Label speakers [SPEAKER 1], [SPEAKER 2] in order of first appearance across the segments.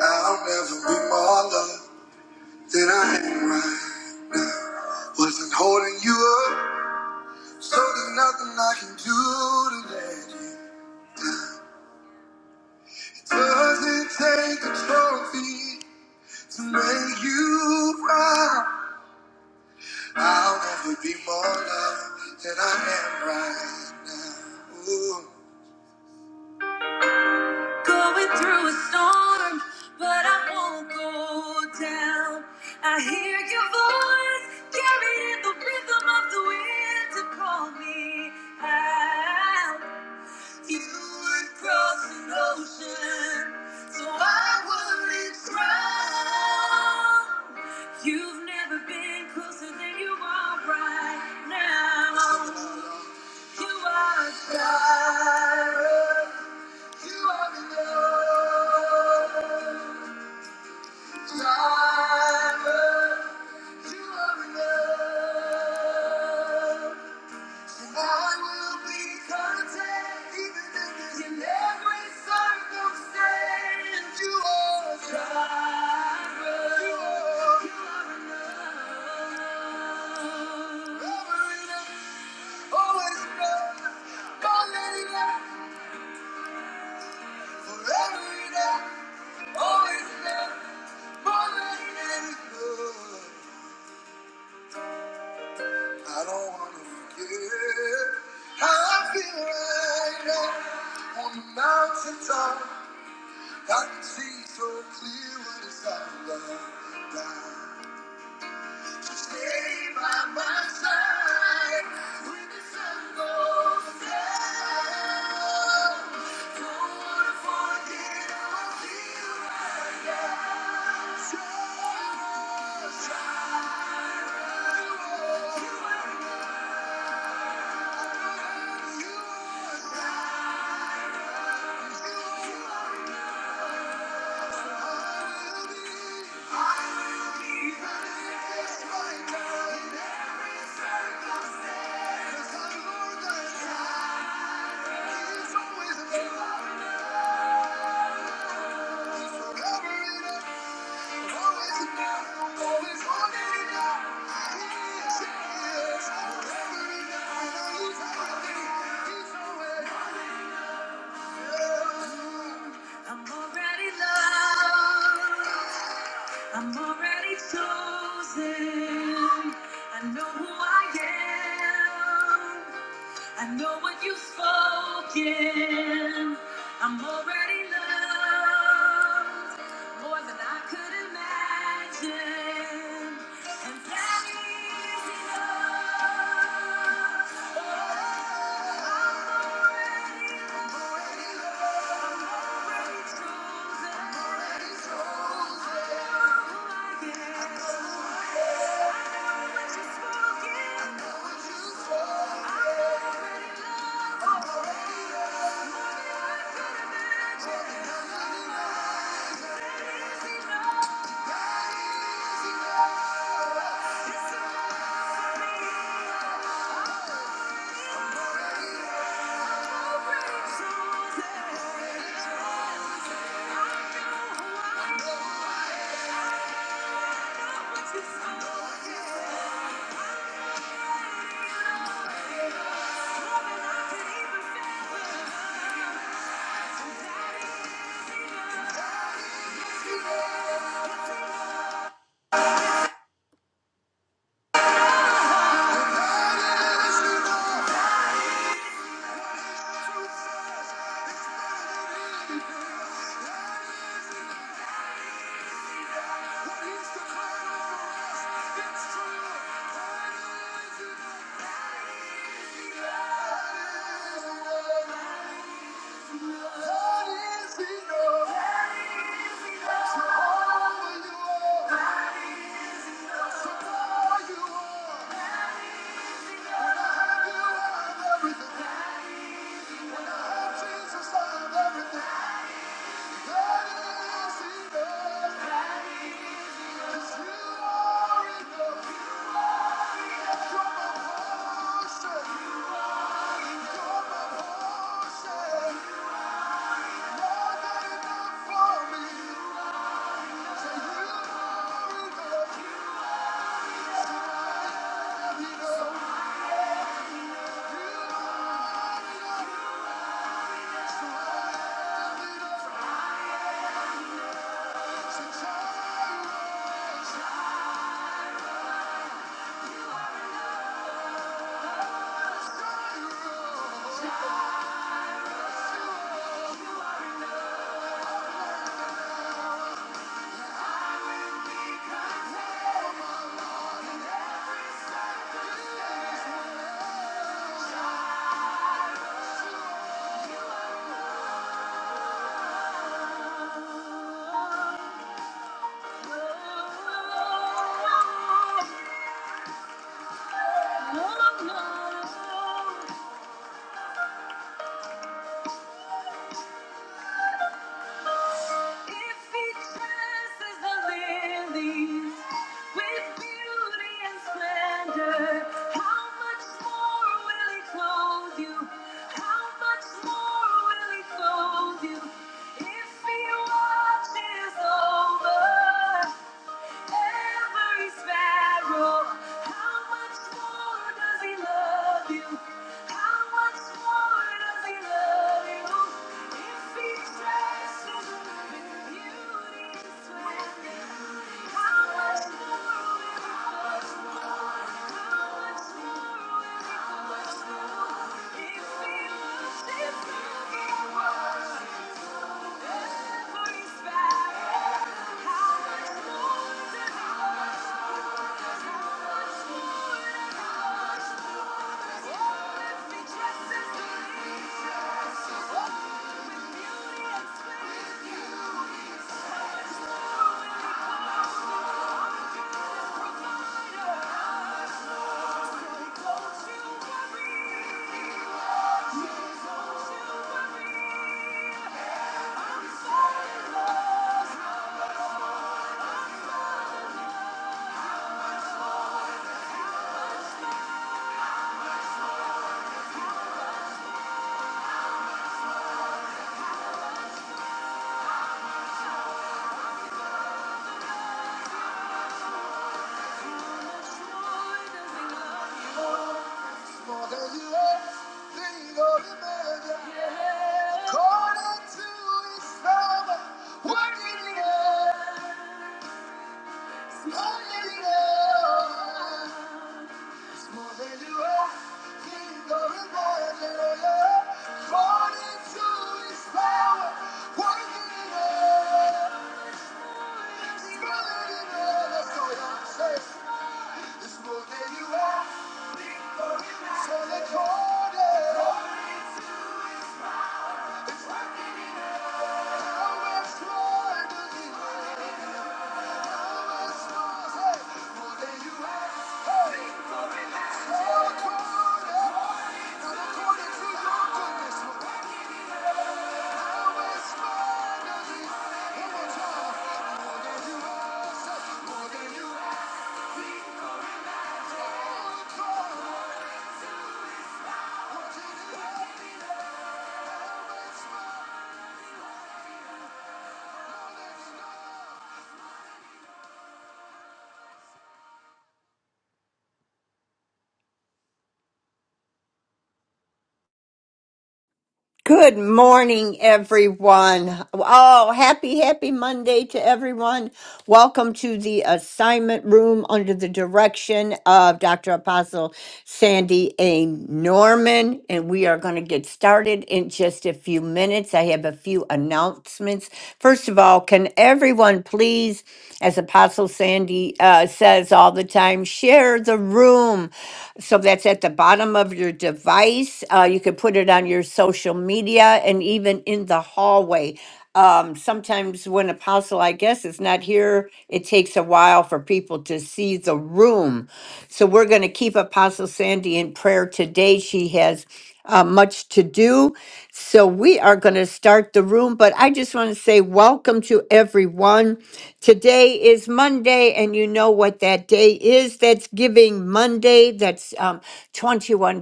[SPEAKER 1] I'll never be more loved than I am right. Wasn't holding you up, so there's nothing I can do to let you. Doesn't take a trophy to make you proud. I'll never be more loved than I am right now. Ooh. Going through a storm, but I won't go down. I hear your voice carried in the rhythm of the wind to call me out. You would cross an ocean, so I wouldn't drown. You've never been closer than you are right now. You are God. Forever enough, always enough, more than enough. I don't want to forget how I feel right now on the mountaintop. I can see so clear what it's all about. Stay by my side when the sun goes down. Don't wanna forget how I feel right now. You are, you are, you are, you are, you are, you are. I'm already loved. I'm already chosen. I know who I am. I know what you've spoken. I'm already loved more than I could imagine. And that is enough. Oh, I'm already loved. I'm I know who I am. Everything. When I have Jesus, I have everything. That is enough. Thank you. No, no. If he dresses the lilies with beauty and splendor, how much more will he clothe you? How much more will he clothe you? If he watches over. Every sparrow, how much more does he love you? How much more does he love you? If he dresses in beauty to swear me, how much more will he love you? How much more will he love you? If he loves his love, does Thank you. More than you ever think or imagine. According to his power, working in us, working in us. More than you ever think or imagine. According to his power, working in us, it's working in us. That's all I'm saying. It's more than you ever, so they call it. It's working
[SPEAKER 2] Good morning, everyone. Oh, happy, happy Monday to everyone. Welcome to the assignment room under the direction of Dr. Apostle Sandy A. Norman. And we are going to get started in just a few minutes. I have a few announcements. First of all, can everyone please, as Apostle Sandy uh, says all the time, share the room? So that's at the bottom of your device. Uh, you can put it on your social media and even in the hallway. Um, sometimes when Apostle, I guess, is not here, it takes a while for people to see the room. So we're going to keep Apostle Sandy in prayer today. She has uh, much to do. So we are going to start the room, but I just want to say welcome to everyone. Today is Monday, and you know what that day is. That's Giving Monday. That's um, $21.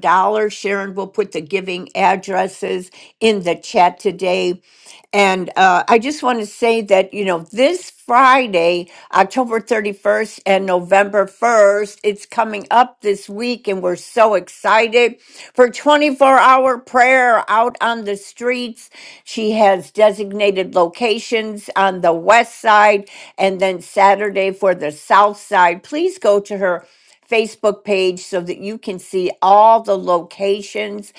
[SPEAKER 2] Sharon will put the giving addresses in the chat today. And uh, I just want to say that, you know, this Friday, October 31st and November 1st, it's coming up this week, and we're so excited. For 24 hour prayer out on the streets. She has designated locations on the west side and then Saturday for the south side. Please go to her Facebook page so that you can see all the locations.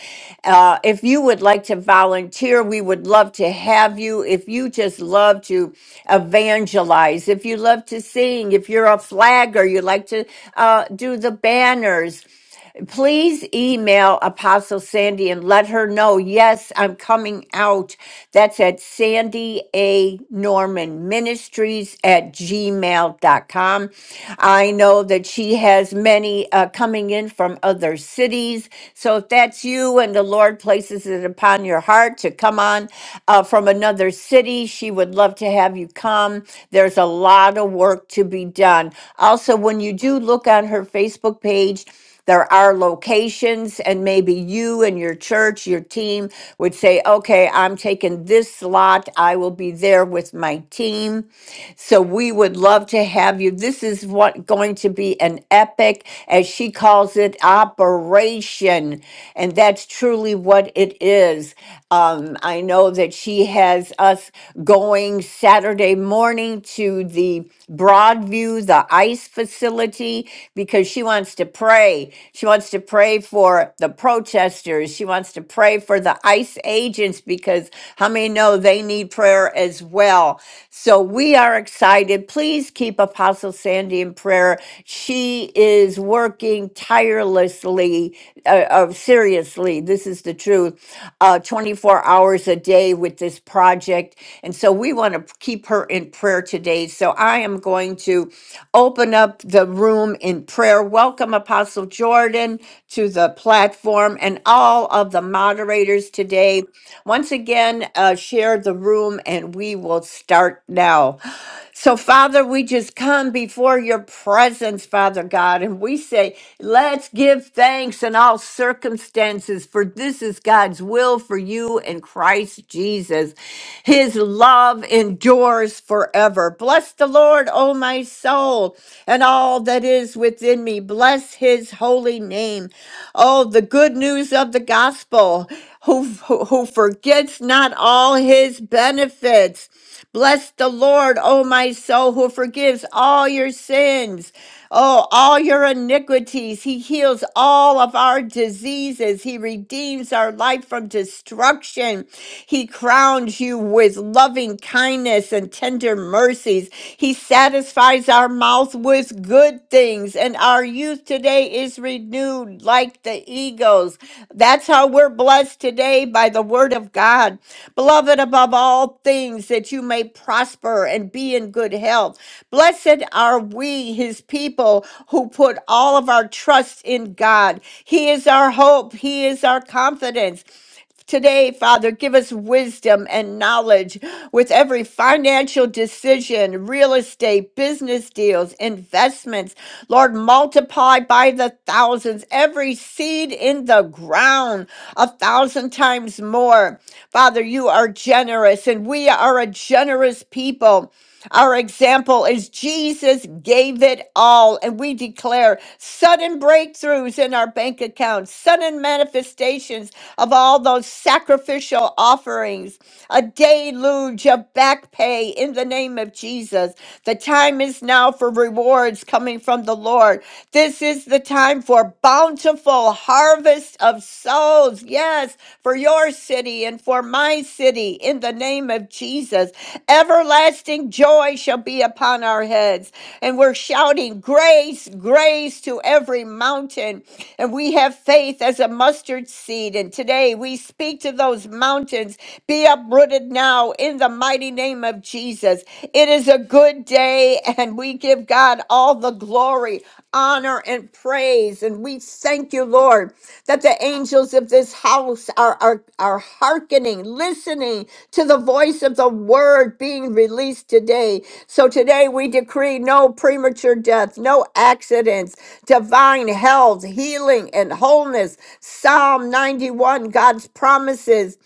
[SPEAKER 2] Uh, if you would like to volunteer, we would love to have you. If you just love to evangelize, if you love to sing, if you're a flagger, you like to uh, do the banners please email Apostle Sandy and let her know, yes, I'm coming out. That's at Sandy A. Norman Ministries at gmail dot com. I know that she has many uh, coming in from other cities. So if that's you and the Lord places it upon your heart to come on uh, from another city, she would love to have you come. There's a lot of work to be done. Also, when you do look on her Facebook page, there are locations, and maybe you and your church, your team would say, okay, I'm taking this slot. I will be there with my team. So we would love to have you. This is what going to be an epic, as she calls it, operation. And that's truly what it is. Um, I know that she has us going Saturday morning to the Broadview, the ICE facility, because she wants to pray. She wants to pray for the protesters. She wants to pray for the ICE agents because how many know they need prayer as well? So we are excited. Please keep Apostle Sandy in prayer. She is working working tirelessly, uh, uh, seriously, this is the truth, uh, 24 hours a day with this project. And so we want to keep her in prayer today. So I am going to open up the room in prayer. Welcome, Apostle Jordan, to the platform and all of the moderators today. Once again, uh, share the room and we will start now. So, Father, we just come before your presence, Father God, and we say, let's give thanks in all circumstances, for this is God's will for you in Christ Jesus. His love endures forever. Bless the Lord, O my soul, and all that is within me. Bless his holy name. Oh, the good news of the gospel, who, who, who forgets not all his benefits. Bless the Lord, O my soul, who forgives all your sins, oh, all your iniquities. He heals all of our diseases. He redeems our life from destruction. He crowns you with loving kindness and tender mercies. He satisfies our mouth with good things and and our youth today is renewed like the eagles. That's how we're blessed today by the word of God. Beloved, above all things, that you may prosper and be in good health. Blessed are we, his people, who put all of our trust in God. He is our hope, he is our confidence. Today, Father, give us wisdom and knowledge with every financial decision, real estate, business deals, investments. Lord, multiply by the thousands every seed in the ground a thousand times more. Father, you are generous and we are a generous people. Our example is Jesus gave it all, and we declare sudden breakthroughs in our bank accounts, sudden manifestations of all those sacrificial offerings, a deluge of back pay in the name of Jesus. The time is now for rewards coming from the Lord. This is the time for bountiful harvest of souls souls, yes, for your city and for my city, in the name of Jesus. Everlasting joy shall be upon our heads. And we're shouting, Grace, grace to every mountain. And we have faith as a mustard seed. And today we speak to those mountains, be uprooted now in the mighty name of Jesus. It is a good day, and we give God all the glory, honor, and praise. And we thank you, Lord, that the angels of this house are, are, are hearkening, listening to the voice of the word being released today. So today we decree no premature death, no accidents, divine health, healing, and wholeness. Psalm 91, God's promises.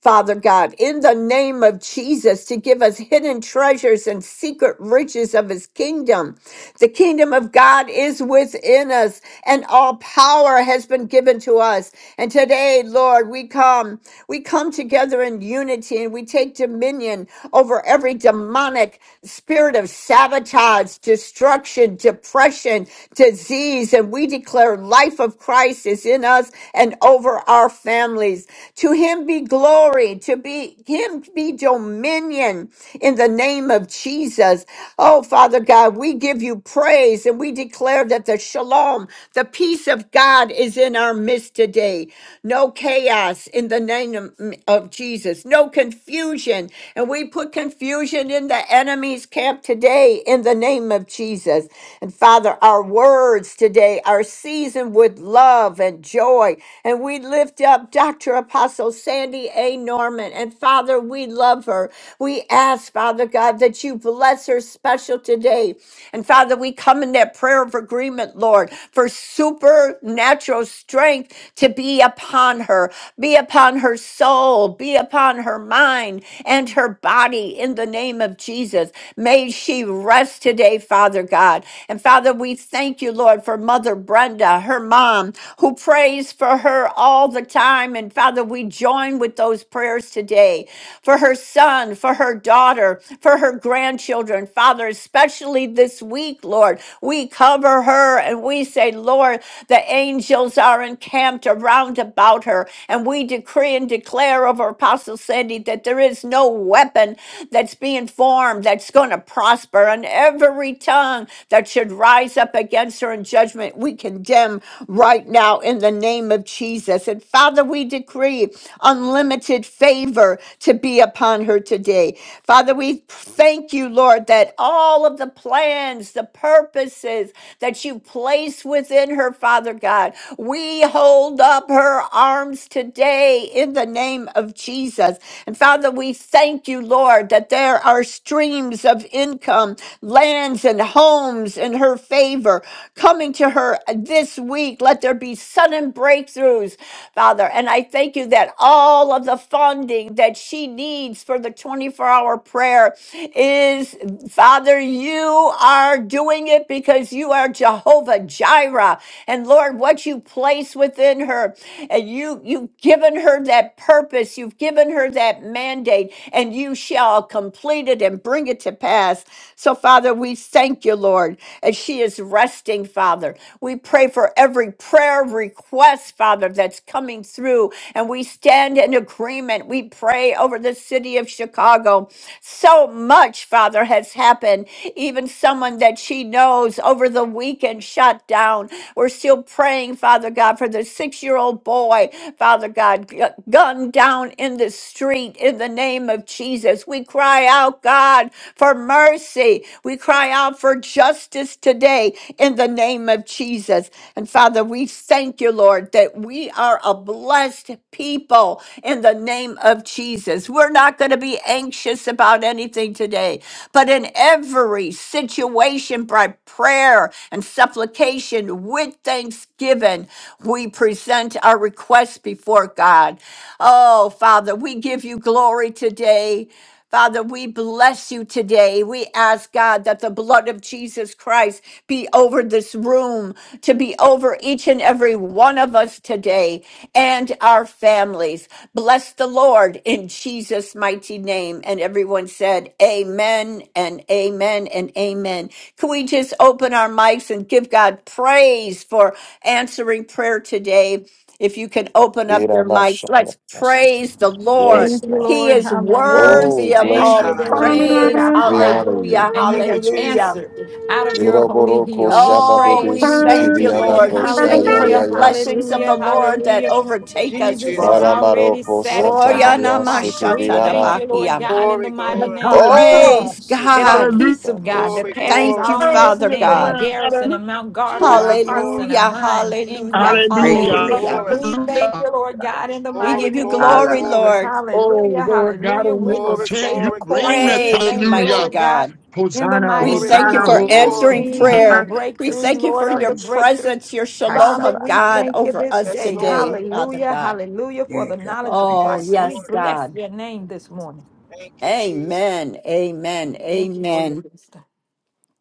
[SPEAKER 2] Father God, in the name of Jesus, to give us hidden treasures and secret riches of his kingdom. The kingdom of God is within us, and all power has been given to us. And today, Lord, we come, we come together in unity and we take dominion over every demonic spirit of sabotage, destruction, depression, disease. And we declare life of Christ is in us and over our families to him be glory, to be him be dominion in the name of Jesus. Oh, Father God, we give you praise and we declare that the shalom, the peace of God is in our midst today. No chaos in the name of of Jesus, no confusion. And we put confusion in the enemy's camp today in the name of Jesus. And Father, our words today are seasoned with love and joy. And we lift up up Dr. Apostle Sandy A. Norman. And Father, we love her. We ask, Father God, that you bless her special today. And Father, we come in that prayer of agreement, Lord, for supernatural strength to be upon her, be upon her soul, be upon her mind and her body in the name of Jesus. May she rest today, Father God. And Father, we thank you, Lord, for Mother Brenda, her mom, who prays for her her all the time. And Father, we join with those prayers today for her son, for her daughter, for her grandchildren. Father, especially this week, Lord, we cover her and we say, Lord, the angels are encamped around about her. And we decree and declare over Apostle Sandy that there is no weapon that's being formed that's going to prosper. And every tongue that should rise up against her in judgment, we condemn right now in the the name of Jesus. And Father, we decree unlimited favor to be upon her today. Father, we thank you, Lord, that all of the plans, the purposes that you place within her, Father God, we hold up her arms today in the name of Jesus. And Father, we thank you, Lord, that there are streams of income, lands, and homes in her favor coming to her this week week. Let there be sudden breakthroughs, Father. And I thank you that all of the funding that she needs for the 24 hour prayer is, Father, you are doing it because you are Jehovah Jireh. And Lord, what you place within her, and you, you've given her that purpose, you've given her that mandate, and you shall complete it and bring it to pass. So, Father, we thank you, Lord, as she is resting, Father. We we pray for every prayer request, Father, that's coming through. And we stand in agreement. We pray over the city of Chicago. So much, Father, has happened. Even someone that she knows over the weekend shut down. We're still praying, Father God, for the six year old boy, Father God, gu- gunned down in the street in the name of Jesus. We cry out, God, for mercy. We cry out for justice today in the name of Jesus. And Father, we thank you, Lord, that we are a blessed people in the name of Jesus. We're not going to be anxious about anything today, but in every situation by prayer and supplication with thanksgiving, we present our requests before God. Oh, Father, we give you glory today. Father, we bless you today. We ask God that the blood of Jesus Christ be over this room, to be over each and every one of us today and our families. Bless the Lord in Jesus' mighty name. And everyone said, Amen and Amen and Amen. Can we just open our mics and give God praise for answering prayer today? If you can open up your mics,
[SPEAKER 3] Iramashanda.
[SPEAKER 2] let's praise the Lord.
[SPEAKER 3] Yes,
[SPEAKER 4] Thank you,
[SPEAKER 3] God.
[SPEAKER 2] He
[SPEAKER 4] Lord.
[SPEAKER 2] is
[SPEAKER 4] Hallelujah.
[SPEAKER 3] Oh, we
[SPEAKER 2] worthy of
[SPEAKER 5] That's
[SPEAKER 3] bless
[SPEAKER 4] Thank
[SPEAKER 2] all
[SPEAKER 4] you
[SPEAKER 3] your
[SPEAKER 5] God.
[SPEAKER 4] that you've
[SPEAKER 3] name,
[SPEAKER 4] heard
[SPEAKER 3] God.
[SPEAKER 2] praise.
[SPEAKER 4] our
[SPEAKER 3] We
[SPEAKER 4] cry
[SPEAKER 3] honor you.
[SPEAKER 2] Hallelujah.
[SPEAKER 4] and you
[SPEAKER 5] Thank you,
[SPEAKER 4] have
[SPEAKER 5] Jesus.
[SPEAKER 2] Hallelujah.
[SPEAKER 4] answered out of your holy
[SPEAKER 3] Iroboroko
[SPEAKER 4] hill. We
[SPEAKER 3] Shanda
[SPEAKER 2] Oh,
[SPEAKER 3] Dede
[SPEAKER 4] praise
[SPEAKER 2] we
[SPEAKER 4] you this
[SPEAKER 3] siti
[SPEAKER 5] Thank
[SPEAKER 2] thank
[SPEAKER 5] you,
[SPEAKER 2] you,
[SPEAKER 3] Viana
[SPEAKER 4] morning.
[SPEAKER 5] Jesus.
[SPEAKER 2] Lord.
[SPEAKER 3] ko
[SPEAKER 2] We
[SPEAKER 3] Ya
[SPEAKER 2] thank you for the
[SPEAKER 3] Ya
[SPEAKER 4] Hallelujah.
[SPEAKER 3] Yasi.
[SPEAKER 2] blessings of the
[SPEAKER 4] Hallelujah.
[SPEAKER 2] Lord that
[SPEAKER 4] Hallelujah.
[SPEAKER 2] overtake
[SPEAKER 5] Thank you,
[SPEAKER 2] us,
[SPEAKER 4] Jesus has
[SPEAKER 5] Jesus.
[SPEAKER 2] Lord.
[SPEAKER 4] already
[SPEAKER 3] Aramaroko
[SPEAKER 2] Oh,
[SPEAKER 3] Santana
[SPEAKER 2] yeah,
[SPEAKER 4] satisfied the
[SPEAKER 3] Ya
[SPEAKER 2] nama
[SPEAKER 4] price.
[SPEAKER 3] City
[SPEAKER 4] We
[SPEAKER 2] shata da
[SPEAKER 4] thank
[SPEAKER 3] Viana.
[SPEAKER 4] you,
[SPEAKER 3] ko.
[SPEAKER 4] Lord God, in
[SPEAKER 5] Glory,
[SPEAKER 4] the mighty
[SPEAKER 5] glory,
[SPEAKER 4] name of
[SPEAKER 6] Hallelujah.
[SPEAKER 3] Oh,
[SPEAKER 4] Jesus,
[SPEAKER 2] Praise
[SPEAKER 3] City
[SPEAKER 4] that the
[SPEAKER 3] Viana
[SPEAKER 2] God.
[SPEAKER 6] Hallelujah.
[SPEAKER 4] peace of God that
[SPEAKER 5] glory,
[SPEAKER 3] Kosha Ya
[SPEAKER 4] passes
[SPEAKER 2] Thank
[SPEAKER 5] glory,
[SPEAKER 3] Yasi.
[SPEAKER 2] you,
[SPEAKER 4] all
[SPEAKER 6] Worthy
[SPEAKER 2] Father
[SPEAKER 6] is the
[SPEAKER 4] understanding,
[SPEAKER 2] God.
[SPEAKER 6] Lamb.
[SPEAKER 4] garrison and
[SPEAKER 6] Hallelujah.
[SPEAKER 4] mount guard over
[SPEAKER 5] glory,
[SPEAKER 4] our hearts
[SPEAKER 5] glory,
[SPEAKER 4] and our
[SPEAKER 2] Hallelujah,
[SPEAKER 4] minds in
[SPEAKER 2] hallelujah,
[SPEAKER 4] Christ Jesus.
[SPEAKER 5] glory,
[SPEAKER 7] Reke
[SPEAKER 6] Hallelujah.
[SPEAKER 7] labor
[SPEAKER 2] hallelujah.
[SPEAKER 5] glory,
[SPEAKER 4] We
[SPEAKER 7] cushion.
[SPEAKER 4] thank
[SPEAKER 6] Hallelujah.
[SPEAKER 4] you, Lord God, in the
[SPEAKER 2] We
[SPEAKER 4] mighty
[SPEAKER 5] glory,
[SPEAKER 2] give you
[SPEAKER 4] name of
[SPEAKER 5] glory, glory,
[SPEAKER 2] glory,
[SPEAKER 4] Jesus.
[SPEAKER 2] Lord.
[SPEAKER 7] Alalabakashokoshaba.
[SPEAKER 6] Oh,
[SPEAKER 4] Hallelujah.
[SPEAKER 6] Lord God
[SPEAKER 4] Hallelujah. We will
[SPEAKER 5] glory, glory,
[SPEAKER 6] omnipotent,
[SPEAKER 4] stay
[SPEAKER 6] you
[SPEAKER 4] the
[SPEAKER 6] reign.
[SPEAKER 4] course.
[SPEAKER 7] We
[SPEAKER 4] We
[SPEAKER 7] thank
[SPEAKER 2] Praise you,
[SPEAKER 4] thank
[SPEAKER 7] you,
[SPEAKER 4] you,
[SPEAKER 7] God.
[SPEAKER 2] mighty
[SPEAKER 6] Hallelujah.
[SPEAKER 4] Lord
[SPEAKER 7] We
[SPEAKER 4] God,
[SPEAKER 7] thank you.
[SPEAKER 2] God.
[SPEAKER 4] in the
[SPEAKER 6] Hosanna,
[SPEAKER 2] We
[SPEAKER 4] mighty
[SPEAKER 5] glory, glory,
[SPEAKER 2] thank
[SPEAKER 4] name
[SPEAKER 7] We
[SPEAKER 2] you
[SPEAKER 4] of
[SPEAKER 5] glory,
[SPEAKER 2] for
[SPEAKER 6] Hosanna,
[SPEAKER 4] Jesus.
[SPEAKER 7] glory
[SPEAKER 5] glory.
[SPEAKER 7] in
[SPEAKER 2] answering
[SPEAKER 7] you,
[SPEAKER 4] Seeing you
[SPEAKER 7] God.
[SPEAKER 6] Hosanna.
[SPEAKER 2] prayer.
[SPEAKER 7] We
[SPEAKER 2] We
[SPEAKER 7] bless you.
[SPEAKER 4] breakthrough,
[SPEAKER 2] thank you
[SPEAKER 4] Lord
[SPEAKER 2] for
[SPEAKER 4] of the
[SPEAKER 2] your
[SPEAKER 7] Praise.
[SPEAKER 4] breakthrough.
[SPEAKER 2] presence, your shalom
[SPEAKER 4] Father,
[SPEAKER 2] of
[SPEAKER 4] we
[SPEAKER 2] God
[SPEAKER 4] thank you
[SPEAKER 2] over
[SPEAKER 4] this
[SPEAKER 2] us
[SPEAKER 5] Yes,
[SPEAKER 4] day.
[SPEAKER 7] Hashabashokokosha.
[SPEAKER 2] today,
[SPEAKER 5] Lord.
[SPEAKER 2] Father
[SPEAKER 4] Hallelujah.
[SPEAKER 2] God.
[SPEAKER 4] Hallelujah for
[SPEAKER 7] Yeah,
[SPEAKER 4] the
[SPEAKER 7] God.
[SPEAKER 4] knowledge of
[SPEAKER 7] Thank
[SPEAKER 2] Oh,
[SPEAKER 7] you,
[SPEAKER 4] Christ.
[SPEAKER 5] Yes,
[SPEAKER 7] Lord.
[SPEAKER 4] We
[SPEAKER 2] yes,
[SPEAKER 5] Lord.
[SPEAKER 4] bless
[SPEAKER 2] God.
[SPEAKER 4] your name this morning.
[SPEAKER 5] Thank you, Jesus.
[SPEAKER 2] Amen. Amen.
[SPEAKER 4] Thank you for your
[SPEAKER 2] Amen.
[SPEAKER 4] wisdom.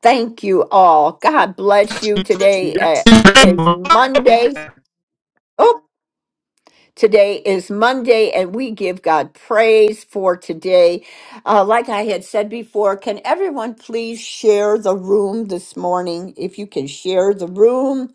[SPEAKER 2] Thank you all. God bless you. Today
[SPEAKER 6] Yes.
[SPEAKER 2] uh, is Monday. Oh, today is Monday, and we give God praise for today. Uh, like I had said before, can everyone please share the room this morning? If you can share the room,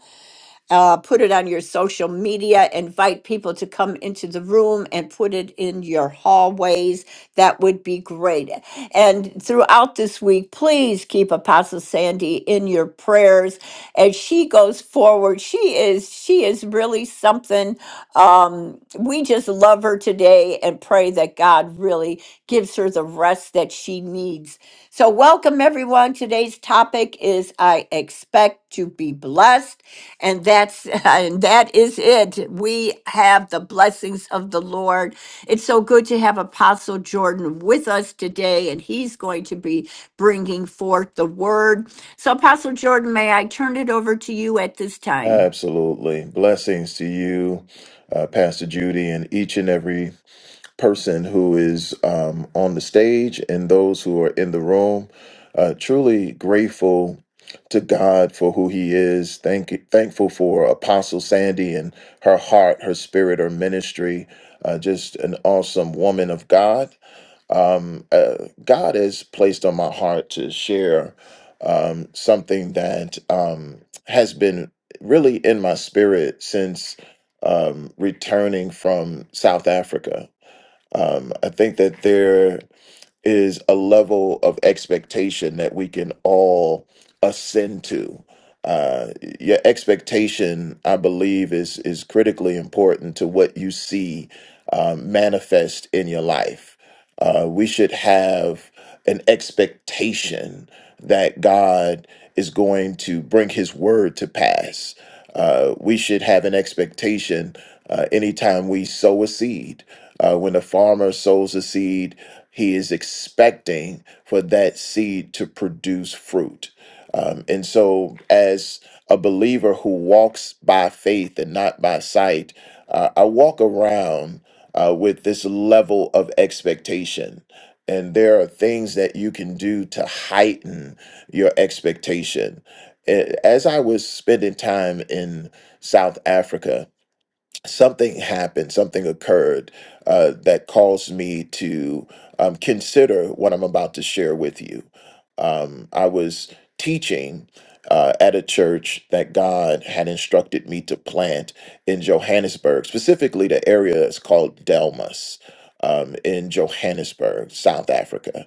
[SPEAKER 2] uh, put it on your social media, invite people to come into the room and put it in your hallways. That would be great. And throughout this week, please keep Apostle Sandy in your prayers as she goes forward. She is she is really something. Um, we just love her today and pray that God really gives her the rest that she needs. So welcome everyone. Today's topic is I expect to be blessed. And that's and that is it. We have the blessings of the Lord. It's so good to have Apostle Jordan with us today, and he's going to be bringing forth the word. So, Apostle Jordan, may I turn it over to you at this time?
[SPEAKER 3] Absolutely. Blessings to you, uh, Pastor Judy, and each and every person who is um, on the stage and those who are in the room. Uh, truly grateful to God for who He is. Thank, thankful for Apostle Sandy and her heart, her spirit, her ministry. Uh, just an awesome woman of God. Um, uh, God has placed on my heart to share um, something that um, has been really in my spirit since um, returning from South Africa um, I think that there is a level of expectation that we can all ascend to. Uh, your expectation, I believe, is is critically important to what you see um, manifest in your life uh, we should have an expectation that God is going to bring his word to pass. Uh, we should have an expectation uh, anytime we sow a seed. Uh, when a farmer sows a seed, he is expecting for that seed to produce fruit. Um, and so, as a believer who walks by faith and not by sight, uh, I walk around uh, with this level of expectation. And there are things that you can do to heighten your expectation. A- As I was spending time in South Africa, something happened, something occurred uh, that caused me to um, consider what I'm about to share with you. Um, I was teaching uh, at a church that God had instructed me to plant in Johannesburg, specifically the area is called Delmas um, in Johannesburg, South Africa.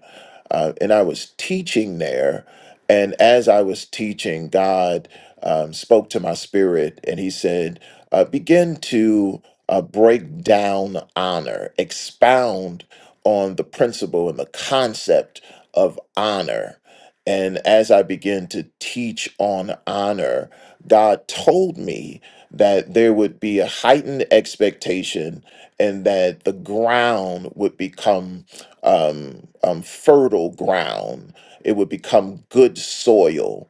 [SPEAKER 3] Uh, and I was teaching there. And as I was teaching, God um, spoke to my spirit and he said, uh, begin to uh, break down honor, expound on the principle and the concept of honor. And as I began to teach on honor, God told me that there would be a heightened expectation and that the ground would become um, um, fertile ground, it would become good soil.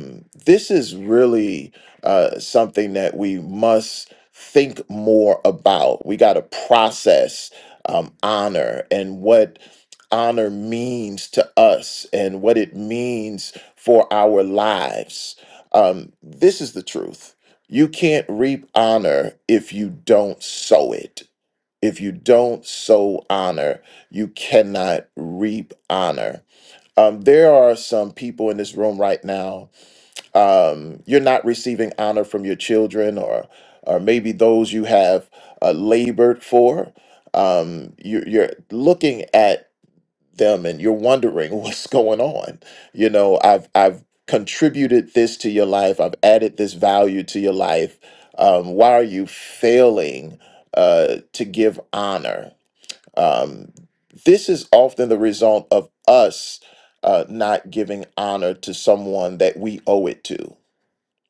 [SPEAKER 3] Um, this is really uh, something that we must think more about. We got to process um, honor and what honor means to us and what it means for our lives. Um, this is the truth. You can't reap honor if you don't sow it. If you don't sow honor, you cannot reap honor. Um, there are some people in this room right now um, you're not receiving honor from your children or or maybe those you have uh, labored for um, you're, you're looking at them and you're wondering what's going on you know i've i've contributed this to your life i've added this value to your life um, why are you failing uh, to give honor um, this is often the result of us uh, not giving honor to someone that we owe it to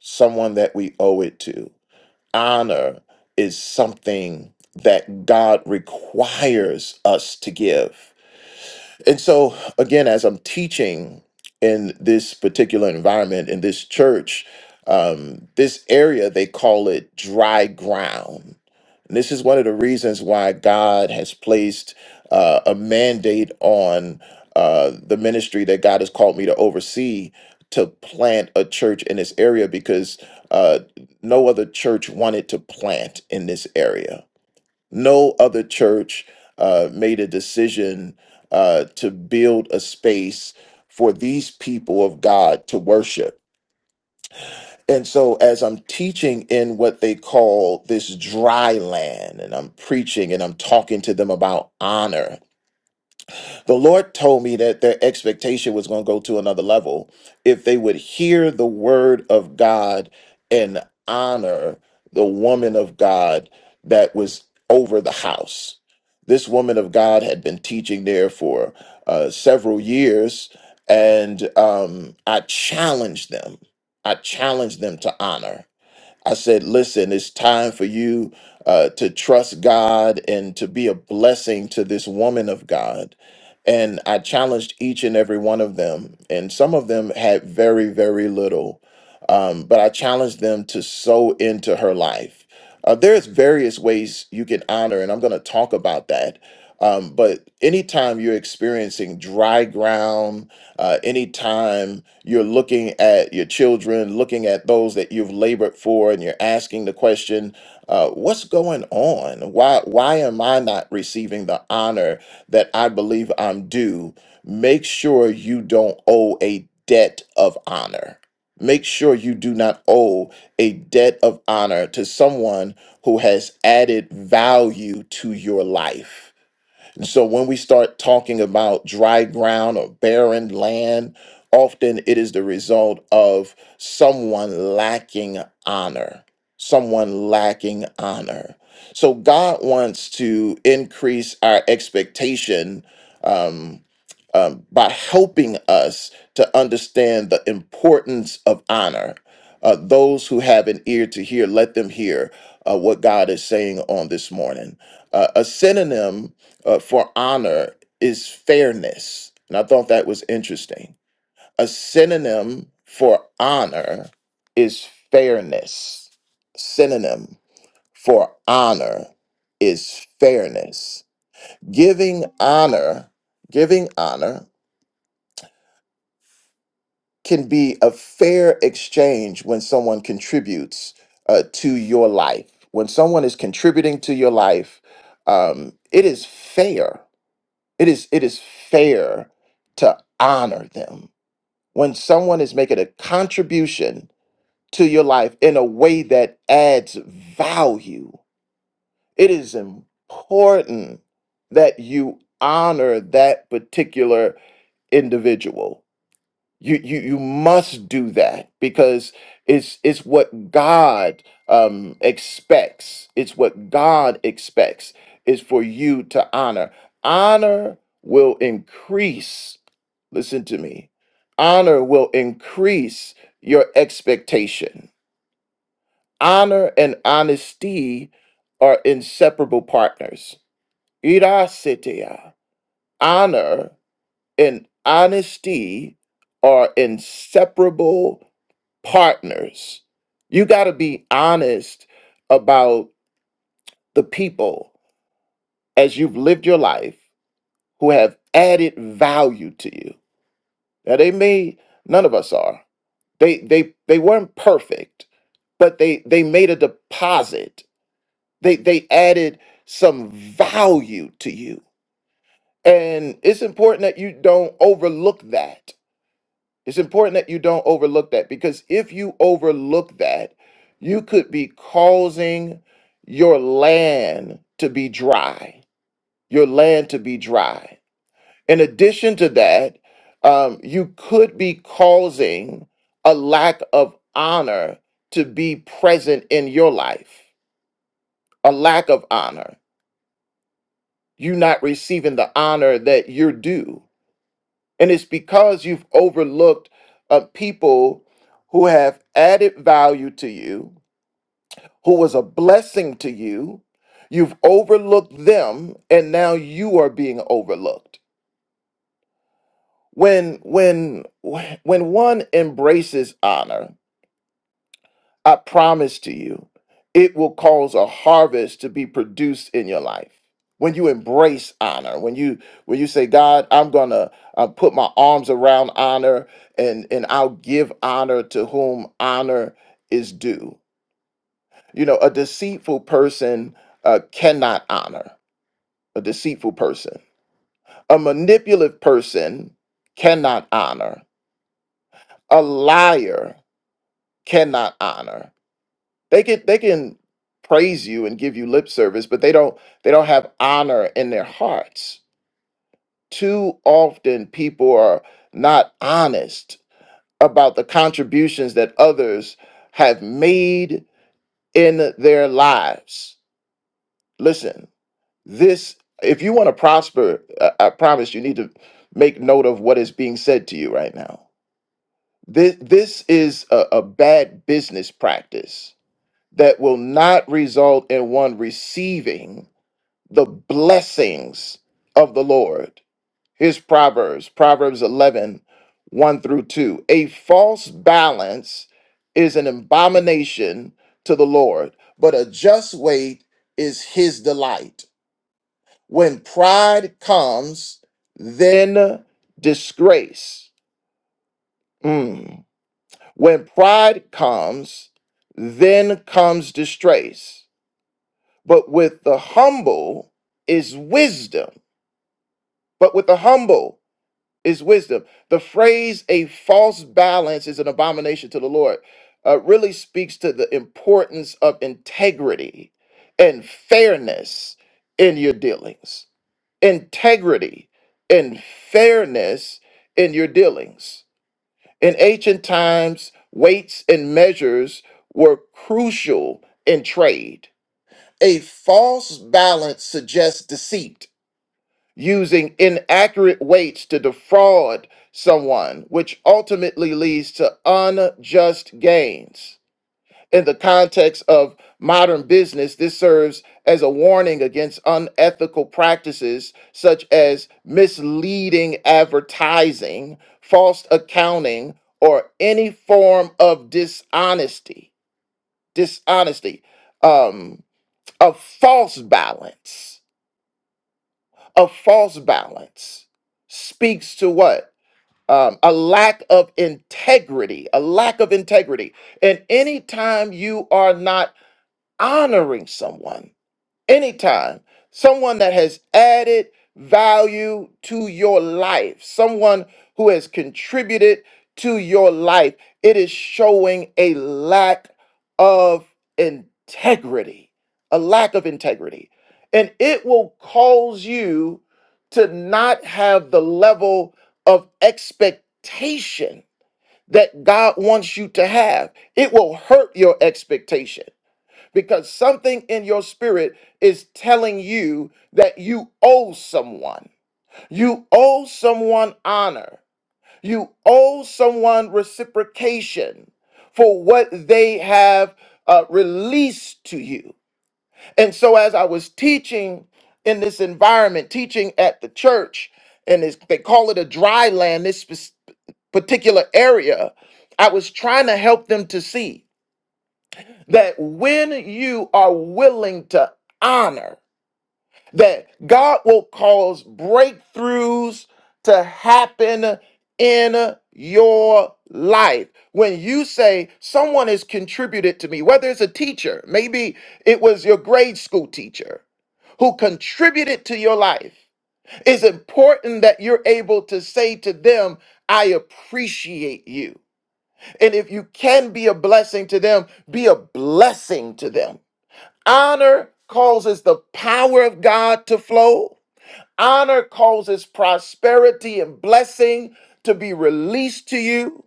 [SPEAKER 3] someone that we owe it to. Honor is something that God requires us to give. And so, again, as I'm teaching in this particular environment, in this church, um, this area, they call it dry ground. And this is one of the reasons why God has placed uh, a mandate on uh, the ministry that God has called me to oversee to plant a church in this area because uh, no other church wanted to plant in this area no other church uh, made a decision uh, to build a space for these people of God to worship. And so, as I'm teaching in what they call this dry land, and I'm preaching and I'm talking to them about honor, the Lord told me that their expectation was going to go to another level if they would hear the word of God and honor the woman of God that was over the house. This woman of God had been teaching there for uh, several years, and um, I challenged them. I challenged them to honor. I said, listen, it's time for you uh, to trust God and to be a blessing to this woman of God. And I challenged each and every one of them. And some of them had very, very little. Um, but I challenged them to sow into her life. Uh, there's various ways you can honor, and I'm going to talk about that. Um, but anytime you're experiencing dry ground, uh, anytime you're looking at your children, looking at those that you've labored for, and you're asking the question, uh, what's going on? Why, why am I not receiving the honor that I believe I'm due? Make sure you don't owe a debt of honor. Make sure you do not owe a debt of honor to someone who has added value to your life and So when we start talking about dry ground or barren land, often it is the result of someone lacking honor, someone lacking honor. So God wants to increase our expectation um, um, by helping us to understand the importance of honor. Uh, those who have an ear to hear, let them hear uh, what God is saying on this morning. Uh, a synonym uh, for honor is fairness. And I thought that was interesting. A synonym for honor is fairness. Synonym for honor is fairness. Giving honor, giving honor can be a fair exchange when someone contributes uh, to your life. When someone is contributing to your life, um, it is fair It is it is fair to honor them when someone is making a contribution to your life in a way that adds value. It is important that you honor that particular individual you you you must do that because it's it's what God um, expects. It's what God expects is for you to honor. Honor will increase. Listen to me. Honor will increase your expectation. Honor and honesty are inseparable partners. Irasetea. Honor and honesty are inseparable partners. You got to be honest about the people as you've lived your life who have added value to you. Now they may none of us are. They they they weren't perfect, but they they made a deposit. They they added some value to you. And it's important that you don't overlook that It's important that you don't overlook that because if you overlook that, you could be causing your land to be dry, your land to be dry. In addition to that, um, you could be causing a lack of honor to be present in your life, a lack of honor, you not receiving the honor that you're due. And it's because you've overlooked uh, people who have added value to you, who was a blessing to you. You've overlooked them, and now you are being overlooked. When when when one embraces honor, I promise to you, it will cause a harvest to be produced in your life. When you embrace honor, when you when you say, God, I'm gonna uh, put my arms around honor, and and I'll give honor to whom honor is due. You know, a deceitful person uh, cannot honor. A deceitful person, a manipulative person cannot honor. A liar cannot honor. They can they can praise you and give you lip service, but they don't they don't have honor in their hearts. Too often people are not honest about the contributions that others have made in their lives. Listen, this if you want to prosper, I, I promise you need to make note of what is being said to you right now. This this is a, a bad business practice that will not result in one receiving the blessings of the Lord. Here's Proverbs, Proverbs eleven, one through 2. A false balance is an abomination to the Lord, but a just weight is his delight. When pride comes, then disgrace. Mm. When pride comes, then comes disgrace. But with the humble is wisdom. But with the humble is wisdom. The phrase a false balance is an abomination to the Lord uh, really speaks to the importance of integrity and fairness in your dealings. Integrity and fairness in your dealings. In ancient times, weights and measures were crucial in trade. A false balance suggests deceit using inaccurate weights to defraud someone, which ultimately leads to unjust gains. In the context of modern business, this serves as a warning against unethical practices such as misleading advertising, false accounting, or any form of dishonesty. Dishonesty, um, a false balance a false balance speaks to what? Um, a lack of integrity, a lack of integrity. And anytime you are not honoring someone, anytime someone that has added value to your life, someone who has contributed to your life, it is showing a lack of integrity, a lack of integrity. And it will cause you to not have the level of expectation that God wants you to have. It will hurt your expectation because something in your spirit is telling you that you owe someone. You owe someone honor. You owe someone reciprocation for what they have uh, released to you. And so, as I was teaching in this environment, teaching at the church, and it's, they call it a dry land, this spec- particular area, I was trying to help them to see that when you are willing to honor, that God will cause breakthroughs to happen in your life. When you say someone has contributed to me, whether it's a teacher, maybe it was your grade school teacher who contributed to your life, it's important that you're able to say to them, I appreciate you. And if you can be a blessing to them, be a blessing to them. Honor causes the power of God to flow. Honor causes prosperity and blessing to be released to you.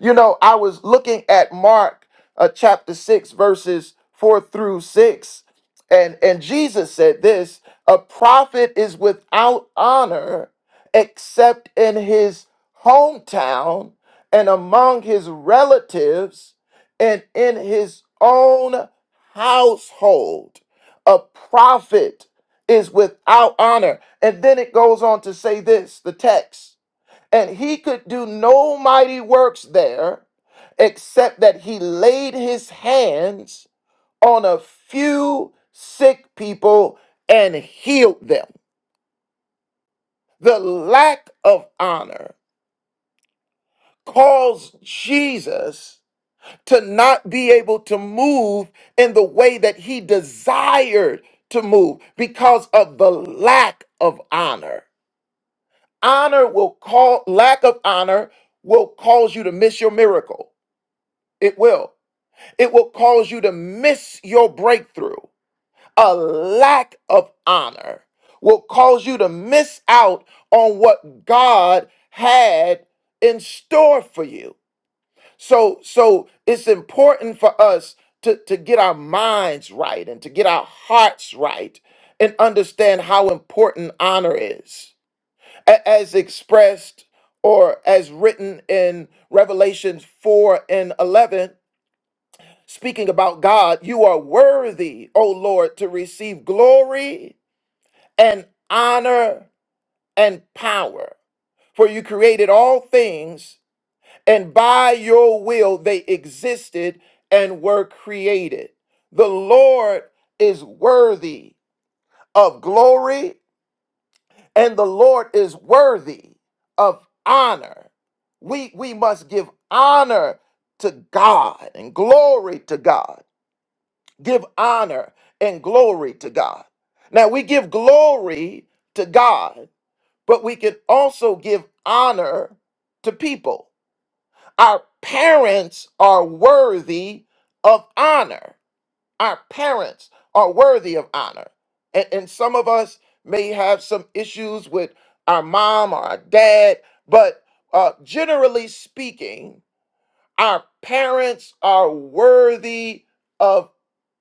[SPEAKER 3] You know, I was looking at Mark uh, chapter 6, verses 4 through 6, and, and Jesus said this A prophet is without honor except in his hometown and among his relatives and in his own household. A prophet is without honor. And then it goes on to say this the text. And he could do no mighty works there except that he laid his hands on a few sick people and healed them. The lack of honor caused Jesus to not be able to move in the way that he desired to move because of the lack of honor. Honor will call lack of honor will cause you to miss your miracle. It will. It will cause you to miss your breakthrough. A lack of honor will cause you to miss out on what God had in store for you. So so it's important for us to, to get our minds right and to get our hearts right and understand how important honor is. A- As expressed or as written in Revelations 4 and 11, Speaking about God, you are worthy, O Lord, to receive glory and honor and power. For you created all things, and by your will they existed and were created. The Lord is worthy of glory, and the Lord is worthy of honor. We, we must give honor to God and glory to God. give honor and glory to God. Now, we give glory to God, but we can also give honor to people. Our parents are worthy of honor. Our parents are worthy of honor. And, and some of us may have some issues with our mom or our dad, but uh, generally speaking, our parents are worthy of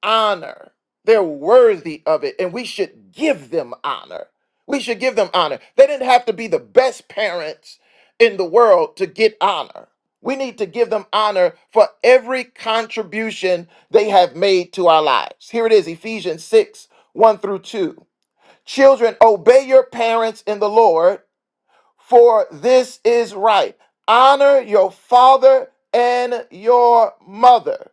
[SPEAKER 3] honor. They're worthy of it, and we should give them honor. We should give them honor. They didn't have to be the best parents in the world to get honor. We need to give them honor for every contribution they have made to our lives. Here it is Ephesians 6 1 through 2. Children, obey your parents in the Lord for this is right. Honor your father and your mother.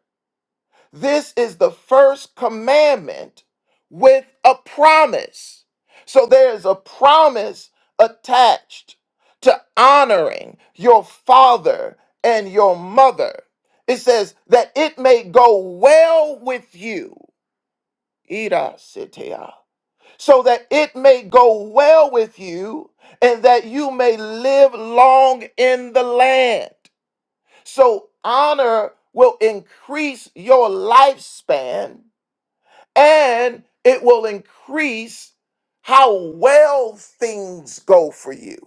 [SPEAKER 3] This is the first commandment with a promise. So there is a promise attached to honoring your father and your mother. It says that it may go well with you so that it may go well with you and that you may live long in the land. So honor will increase your lifespan and it will increase how well things go for you.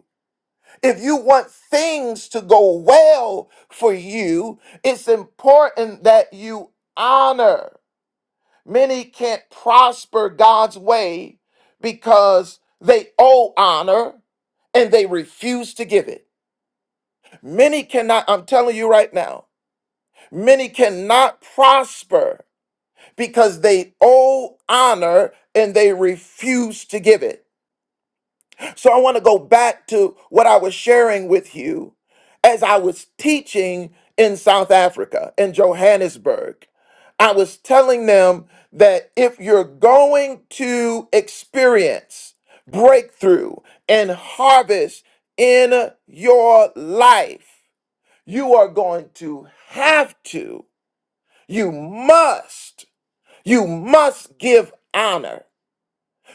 [SPEAKER 3] If you want things to go well for you, it's important that you honor. Many can't prosper God's way because they owe honor and they refuse to give it. Many cannot, I'm telling you right now, many cannot prosper because they owe honor and they refuse to give it. So I want to go back to what I was sharing with you as I was teaching in South Africa, in Johannesburg. I was telling them that if you're going to experience breakthrough and harvest in your life, you are going to have to, you must, you must give honor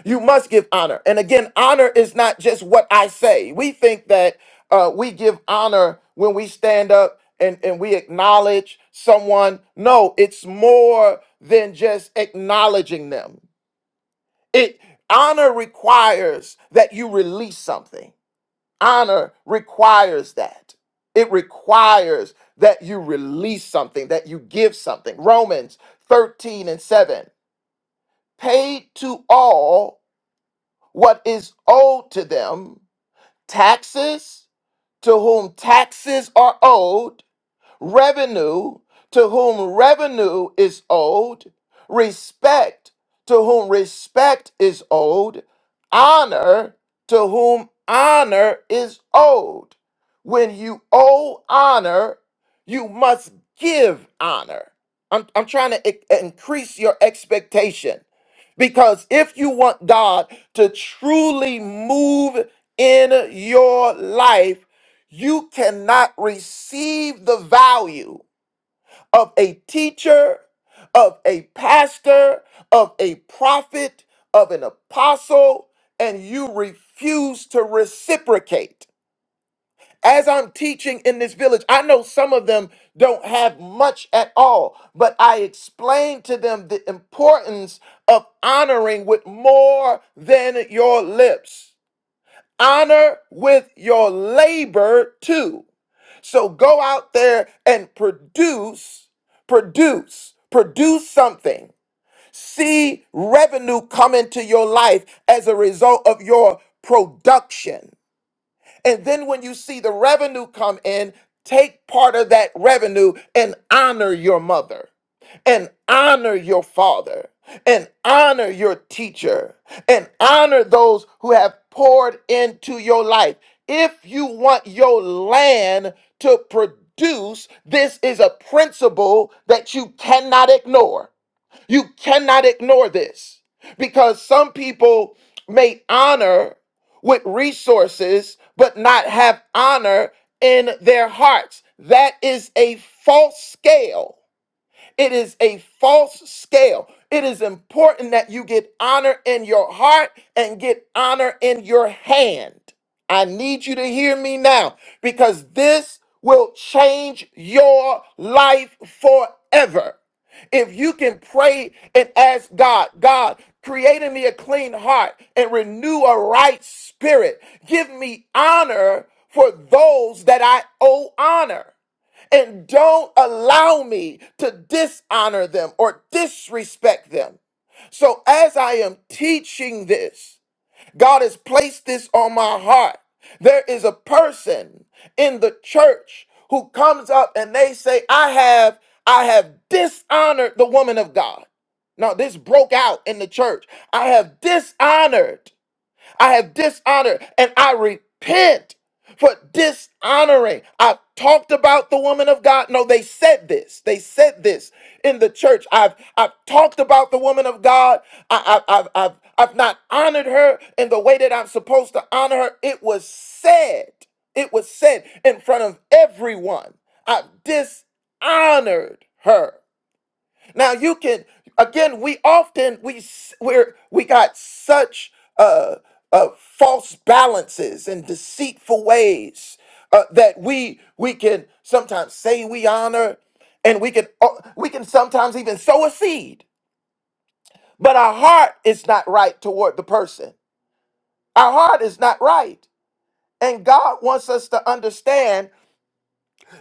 [SPEAKER 3] you must give honor. And again, honor is not just what I say. We think that uh, we give honor when we stand up and, and we acknowledge someone. No, it's more than just acknowledging them. It honor requires that you release something. Honor requires that. It requires that you release something, that you give something. Romans 13 and 7. Paid to all what is owed to them, taxes to whom taxes are owed, revenue to whom revenue is owed, respect to whom respect is owed, honor to whom honor is owed. When you owe honor, you must give honor. I'm, I'm trying to i- increase your expectation because if you want God to truly move in your life, you cannot receive the value of a teacher, of a pastor, of a prophet, of an apostle, and you refuse to reciprocate. As I'm teaching in this village, I know some of them don't have much at all, but I explain to them the importance of honoring with more than your lips honor with your labor too. So go out there and produce, produce, produce something. See revenue come into your life as a result of your production. And then when you see the revenue come in, take part of that revenue and honor your mother, and honor your father, and honor your teacher, and honor those who have poured into your life. If you want your land to produce, this is a principle that you cannot ignore. You cannot ignore this because some people may honor with resources but not have honor in their hearts. That is a false scale it is a false scale. It is important that you get honor in your heart and get honor in your hand. I need you to hear me now because this will change your life forever. If you can pray and ask God, God, create in me a clean heart and renew a right spirit, give me honor for those that I owe honor and don't allow me to dishonor them or disrespect them. So, as I am teaching this, God has placed this on my heart. There is a person in the church who comes up and they say, I have, I have dishonored the woman of God. Now, this broke out in the church. I have dishonored I have dishonored, and I repent for dishonoring. I've talked about the woman of God. No, they said this. They said this in the church. I've I've talked about the woman of God. I, I, I've I've I've not honored her in the way that I'm supposed to honor her. It was said. It was said in front of everyone. I've dishonored her. Now you can again. We often we s- we're we got such uh, uh false balances and deceitful ways uh, that we we can sometimes say we honor, and we can uh, we can sometimes even sow a seed, but our heart is not right toward the person. Our heart is not right, and God wants us to understand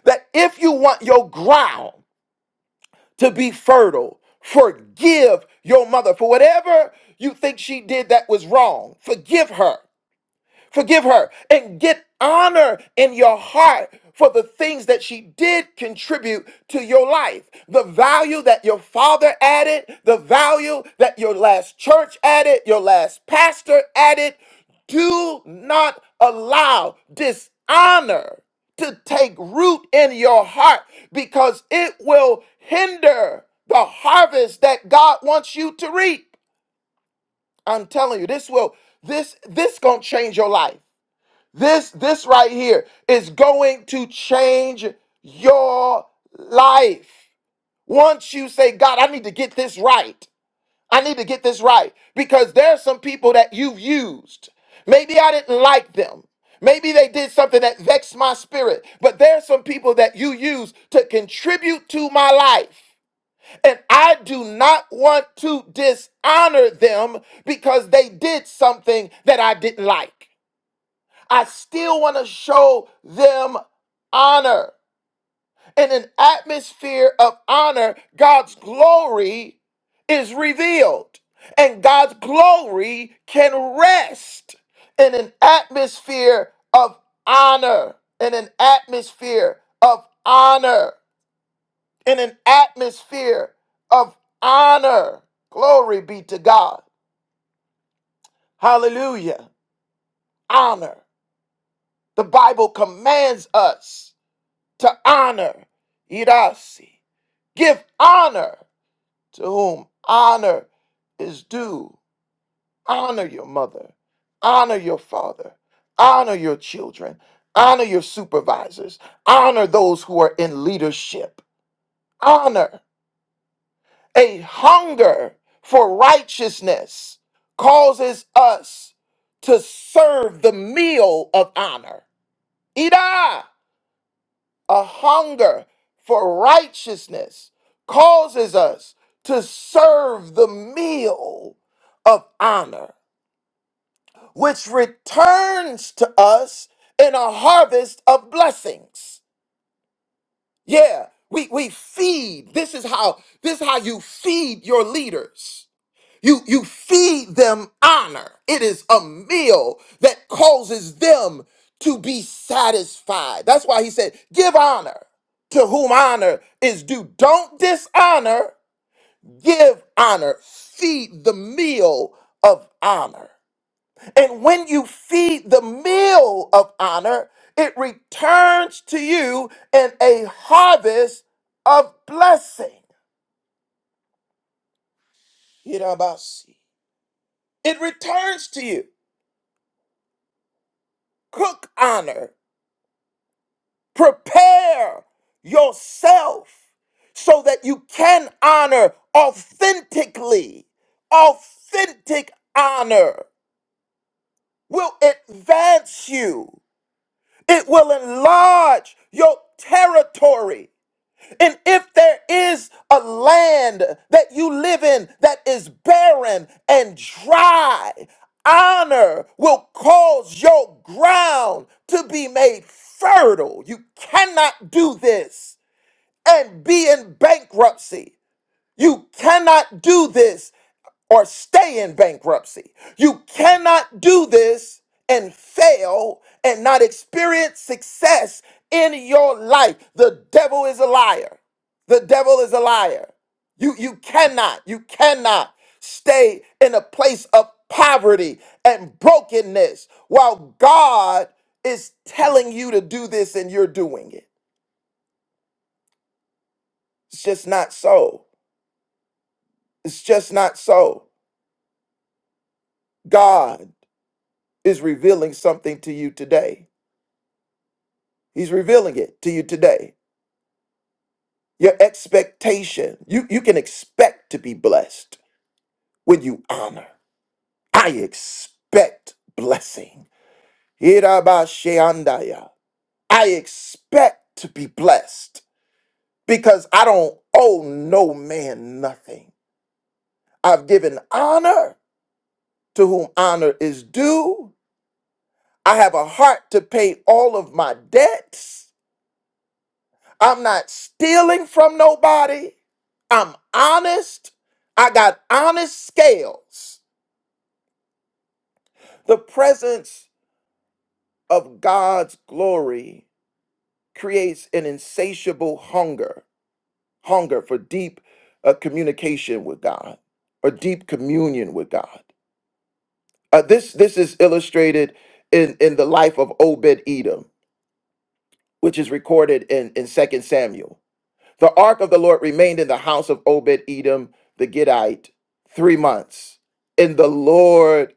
[SPEAKER 3] that if you want your ground. to be fertile. Forgive your mother for whatever you think she did that was wrong. Forgive her. Forgive her and get honor in your heart for the things that she did contribute to your life. The value that your father added, the value that your last church added, your last pastor added. Do not allow dishonor to take root in your heart because it will hinder the harvest that God wants you to reap. I'm telling you, this will this this going to change your life. This this right here is going to change your life. Once you say, "God, I need to get this right. I need to get this right." Because there are some people that you've used. Maybe I didn't like them. Maybe they did something that vexed my spirit. But there are some people that you use to contribute to my life. And I do not want to dishonor them because they did something that I didn't like. I still want to show them honor. In an atmosphere of honor, God's glory is revealed, and God's glory can rest in an atmosphere of honor. In an atmosphere of honor. In an atmosphere of honor. Glory be to God. Hallelujah. Honor. The Bible commands us. to honor. Irasi. Give honor to whom honor is due. Honor your mother. Honor your father. Honor your children. Honor your supervisors. Honor those who are in leadership. Honor. A hunger for righteousness causes us to serve the meal of honor. Ida! a hunger for righteousness causes us to serve the meal of honor, which returns to us in a harvest of blessings. Yeah, we, we feed. This is how this is how you feed your leaders. You you feed them honor. It is a meal that causes them to be satisfied. That's why he said, "Give honor to whom honor is due. Don't dishonor, give honor. Feed the meal of honor." And when you feed the meal of honor, it returns to you in a harvest of blessing. You know about see. It returns to you. Cook honor Prepare yourself so that you can honor authentically. Authentic honor will advance you, it will enlarge your territory. And if there is a land that you live in that is barren and dry, honor will cause your ground to be made fertile. You cannot do this and be in bankruptcy. You cannot do this or stay in bankruptcy. You cannot do this and fail and not experience success in your life. The devil is a liar. The devil is a liar. You you cannot. You cannot stay in a place of poverty and brokenness while God is telling you to do this and you're doing it. It's just not so. It's just not so. God is revealing something to you today. He's revealing it to you today. Your expectation, you, you can expect to be blessed when you honor. I expect blessing. Hirabasheandaya. I expect to be blessed because I don't owe no man nothing. I've given honor to whom honor is due. I have a heart to pay all of my debts. I'm not stealing from nobody. I'm honest. I got honest scales. The presence of God's glory creates an insatiable hunger, hunger for deep uh, communication with God or deep communion with God. Uh, this, this is illustrated in, in the life of Obed Edom, which is recorded in, in Second Samuel. The ark of the Lord remained in the house of Obed Edom the Gittite three months. And the Lord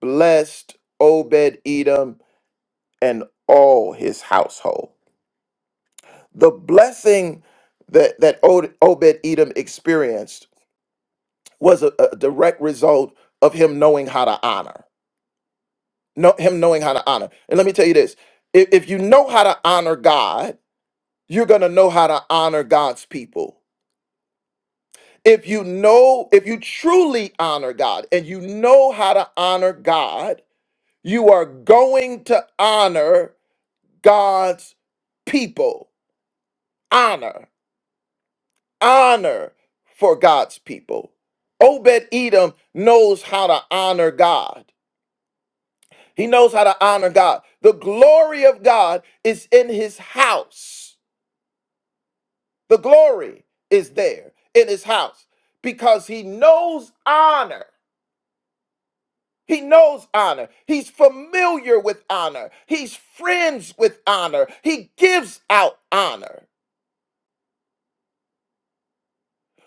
[SPEAKER 3] blessed Obed Edom and all his household. The blessing that, that Obed Edom experienced was a, a direct result of him knowing how to honor. No, him knowing how to honor. And let me tell you this if if you know how to honor God, you're going to know how to honor God's people If you know, if you truly honor God and you know how to honor God, you are going to honor God's people. Honor, honor for God's people. Obed Edom knows how to honor God. He knows how to honor God. The glory of God is in his house. The glory is there in his house because he knows honor. He knows honor. He's familiar with honor. He's friends with honor. He gives out honor.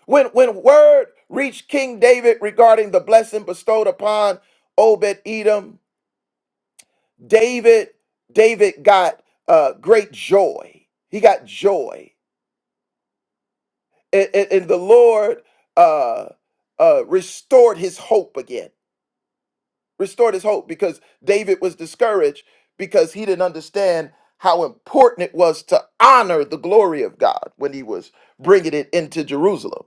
[SPEAKER 3] When, when word reached King David regarding the blessing bestowed upon Obed Edom, David, David got uh, great joy. He got joy. And, and- and the Lord uh, uh, restored his hope again. restored his hope because David was discouraged because he didn't understand how important it was to honor the glory of God when he was bringing it into Jerusalem.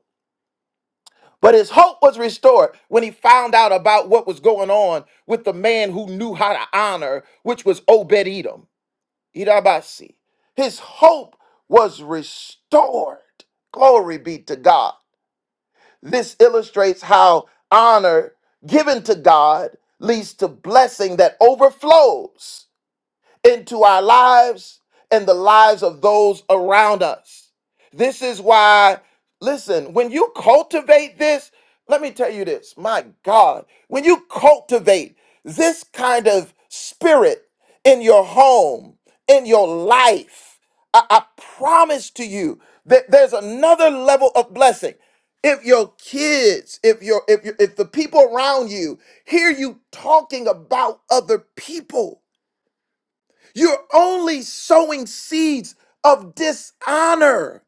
[SPEAKER 3] But his hope was restored when he found out about what was going on with the man who knew how to honor, which was Obed Edom, Idabasi. His hope was restored. Glory be to God. This illustrates how honor given to God leads to blessing that overflows into our lives and the lives of those around us. This is why, listen, when you cultivate this, let me tell you this, my God, when you cultivate this kind of spirit in your home, in your life, I, I promise to you that there's another level of blessing. If your kids, if your if your, if the people around you hear you talking about other people, you're only sowing seeds of dishonor.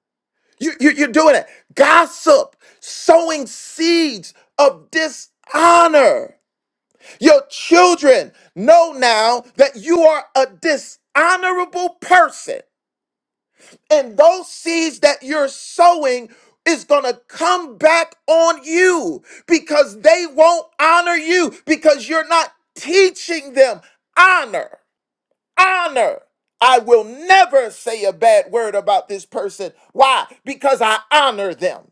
[SPEAKER 3] You, you, you're doing it. Gossip, sowing seeds of dishonor. Your children know now that you are a dishonorable person. And those seeds that you're sowing is going to come back on you because they won't honor you because you're not teaching them honor honor. I will never say a bad word about this person. Why? Because I honor them.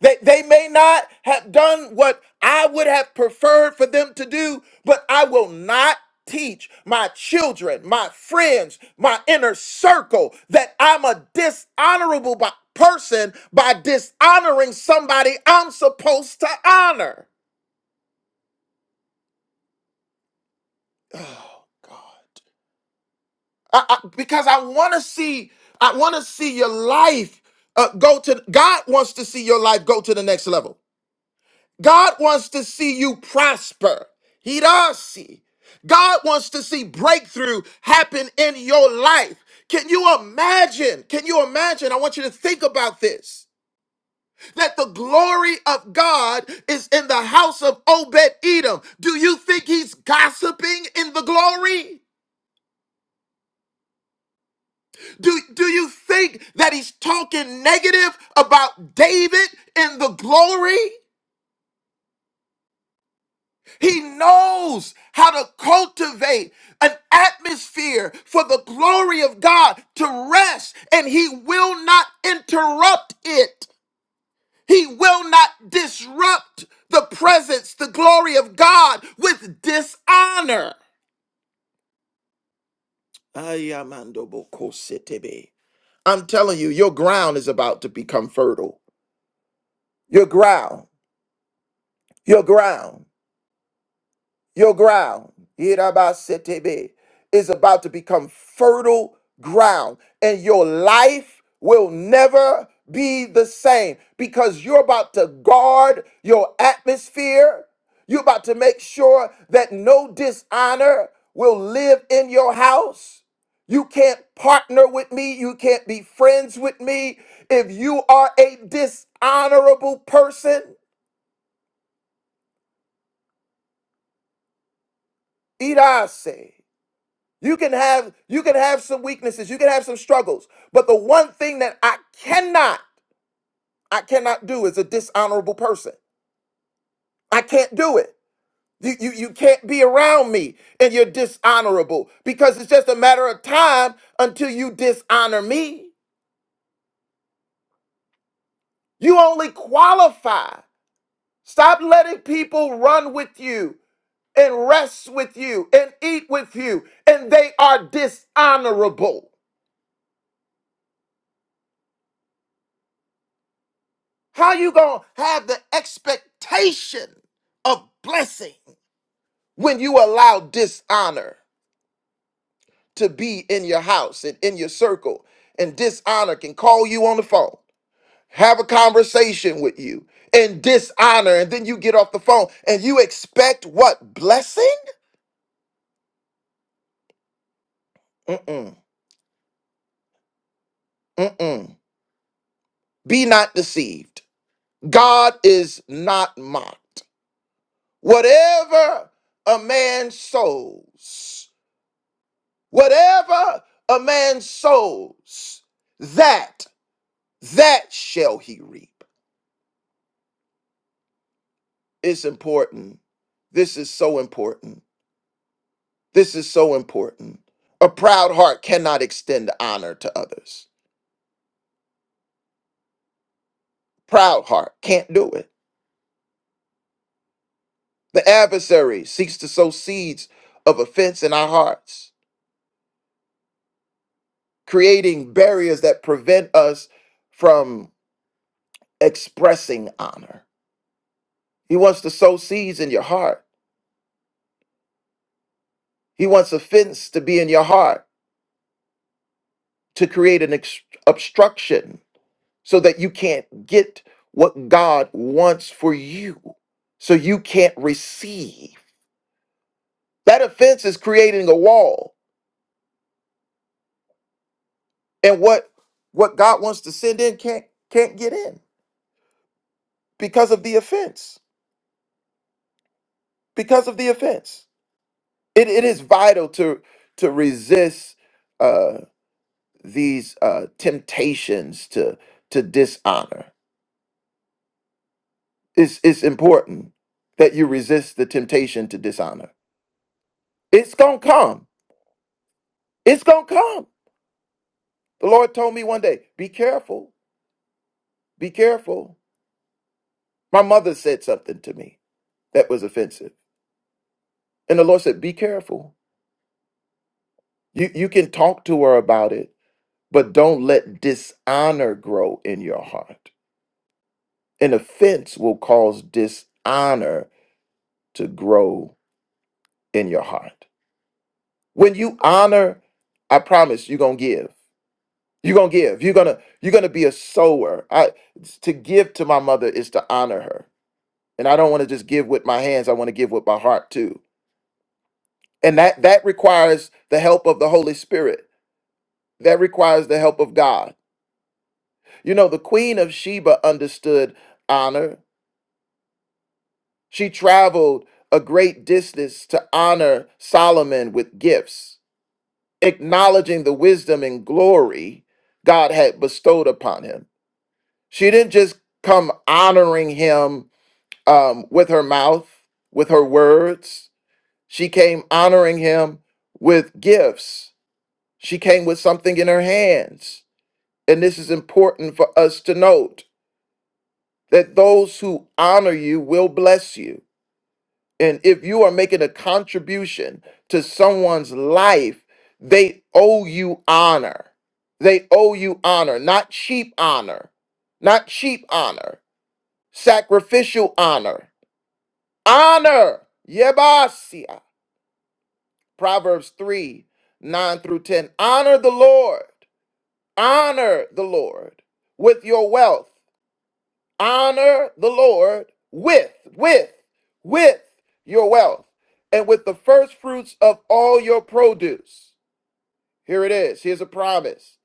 [SPEAKER 3] They, they may not have done what I would have preferred for them to do, but I will not teach my children, my friends, my inner circle that I'm a dishonorable by, person by dishonoring somebody I'm supposed to honor. Oh, God. I, I- because I want to see, I want to see your life uh, go to. God wants to see your life go to the next level. God wants to see you prosper. He does see. God wants to see breakthrough happen in your life. Can you imagine? Can you imagine? I want you to think about this. That the glory of God is in the house of Obed Edom. Do you think he's gossiping in the glory? Do, do you think that he's talking negative about David in the glory? He knows how to cultivate an atmosphere for the glory of God to rest, and he will not interrupt it. He will not disrupt the presence, the glory of God with dishonor. Ayamandobokositebe. I'm telling you, your ground is about to become fertile. Your ground. Your ground, your ground, Yirabasetebe, is about to become fertile ground, and your life will never be the same because you're about to guard your atmosphere. You're about to make sure that no dishonor will live in your house. You can't partner with me. You can't be friends with me if you are a dishonorable person. Irase. You can have you can have some weaknesses, you can have some struggles, but the one thing that I cannot I cannot do is a dishonorable person. I can't do it. You, you, you can't be around me and you're dishonorable because it's just a matter of time until you dishonor me. You only qualify. Stop letting people run with you and rest with you and eat with you, and they are dishonorable. How you going to have the expectation of blessing when you allow dishonor to be in your house and in your circle? And dishonor can call you on the phone, have a conversation with you, and dishonor. And then you get off the phone and you expect what? Blessing? Mm-mm, mm-mm. Be not deceived. God is not mocked. Whatever a man sows, Whatever a man sows, that that shall he reap. It's important. This is so important. This is so important. A proud heart cannot extend honor to others. Proud heart can't do it. The adversary seeks to sow seeds of offense in our hearts, creating barriers that prevent us from expressing honor. He wants to sow seeds in your heart. He wants offense to be in your heart. to create an ex- obstruction so that you can't get what God wants for you, so you can't receive. That offense is creating a wall, and what what God wants to send in can't can't get in because of the offense. Because of the offense, it, it is vital to to resist uh, these uh, temptations to to dishonor. It's it's important that you resist the temptation to dishonor It's gonna come. It's gonna come. The Lord told me one day, be careful, be careful. My mother said something to me that was offensive. And the Lord said, Be careful. You you can talk to her about it, but don't let dishonor grow in your heart. An offense will cause dishonor to grow in your heart. When you honor, I promise you're gonna give. You're gonna give. You're gonna you're gonna be a sower. I to give to my mother is to honor her and I don't want to just give with my hands. I want to give with my heart too. And that that requires the help of the Holy Spirit. That requires the help of God. You know, the Queen of Sheba understood honor. She traveled a great distance to honor Solomon with gifts, acknowledging the wisdom and glory God had bestowed upon him. She didn't just come honoring him um, with her mouth, with her words. She came honoring him with gifts. She came with something in her hands. And this is important for us to note that those who honor you will bless you. And if you are making a contribution to someone's life, they owe you honor. They owe you honor, not cheap honor, not cheap honor, sacrificial honor. Honor, yebasia. Proverbs 3 9 through 10. Honor the Lord. Honor the Lord with your wealth. Honor the Lord with, with, with your wealth and with the first fruits of all your produce. Here it is. Here's a promise.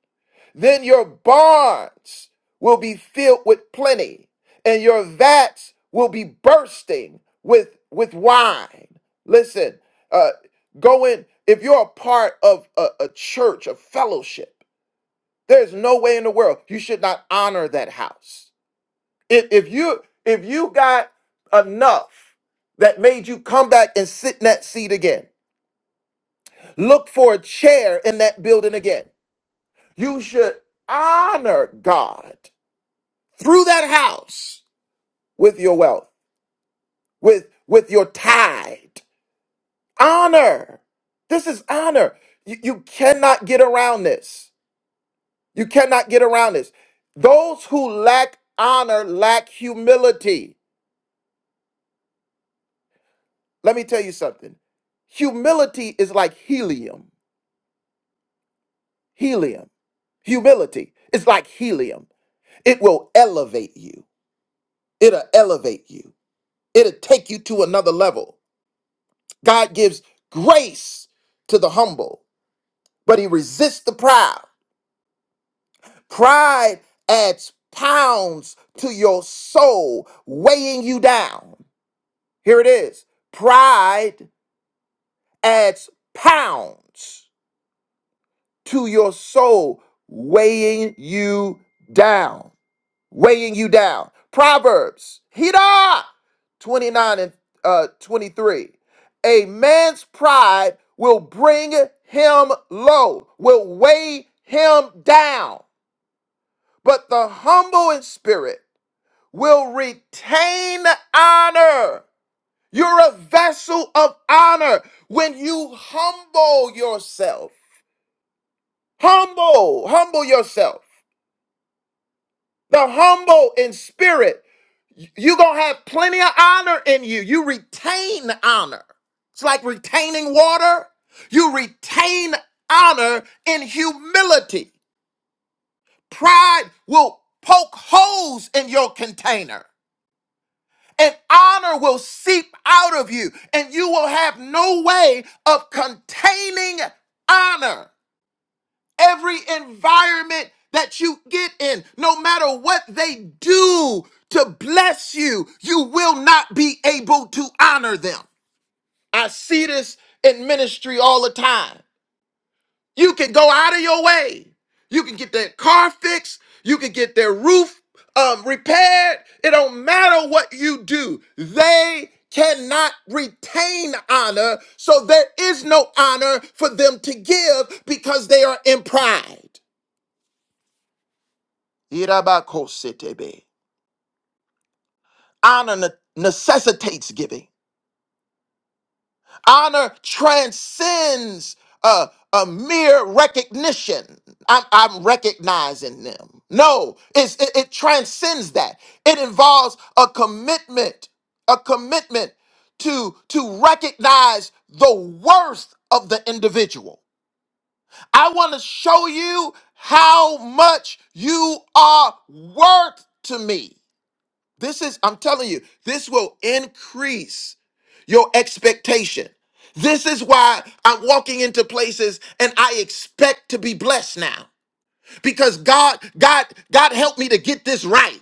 [SPEAKER 3] Then your barns will be filled with plenty, and your vats will be bursting with with wine. Listen, uh, go in. If you're a part of a, a church, a fellowship, there's no way in the world you should not honor that house. If, if you if you got enough that made you come back and sit in that seat again, look for a chair in that building again. You should honor God through that house with your wealth, with with your tithe. Honor. This is honor. You, you cannot get around this. You cannot get around this. Those who lack honor lack humility. Let me tell you something. Humility is like helium. Helium. Humility is like helium. It will elevate you. It'll elevate you. It'll take you to another level. God gives grace to the humble but he resists the proud. Pride adds pounds to your soul, weighing you down. Here it is pride adds pounds to your soul, weighing you down. Weighing you down. Proverbs, Hida 29 and uh, 23. A man's pride will bring him low, will weigh him down. but the humble in spirit will retain honor. You're a vessel of honor when you humble yourself. Humble, humble yourself. The humble in spirit, you're going to have plenty of honor in you. You retain honor. It's like retaining water. You retain honor in humility. Pride will poke holes in your container. and honor will seep out of you, and you will have no way of containing honor. Every environment that you get in, no matter what they do to bless you, you will not be able to honor them. I see this in ministry all the time. You can go out of your way. You can get that car fixed. You can get their roof um, repaired. It don't matter what you do. They cannot retain honor, so there is no honor for them to give because they are in pride. Irabakositebe. Honor ne- necessitates giving. honor transcends a, a mere recognition. I'm, I'm recognizing them. No, it's, it, it transcends that. It involves a commitment, a commitment to, to recognize the worth of the individual. I want to show you how much you are worth to me. This is, I'm telling you, this will increase your expectation. This is why I'm walking into places and I expect to be blessed now because God, God, God helped me to get this right.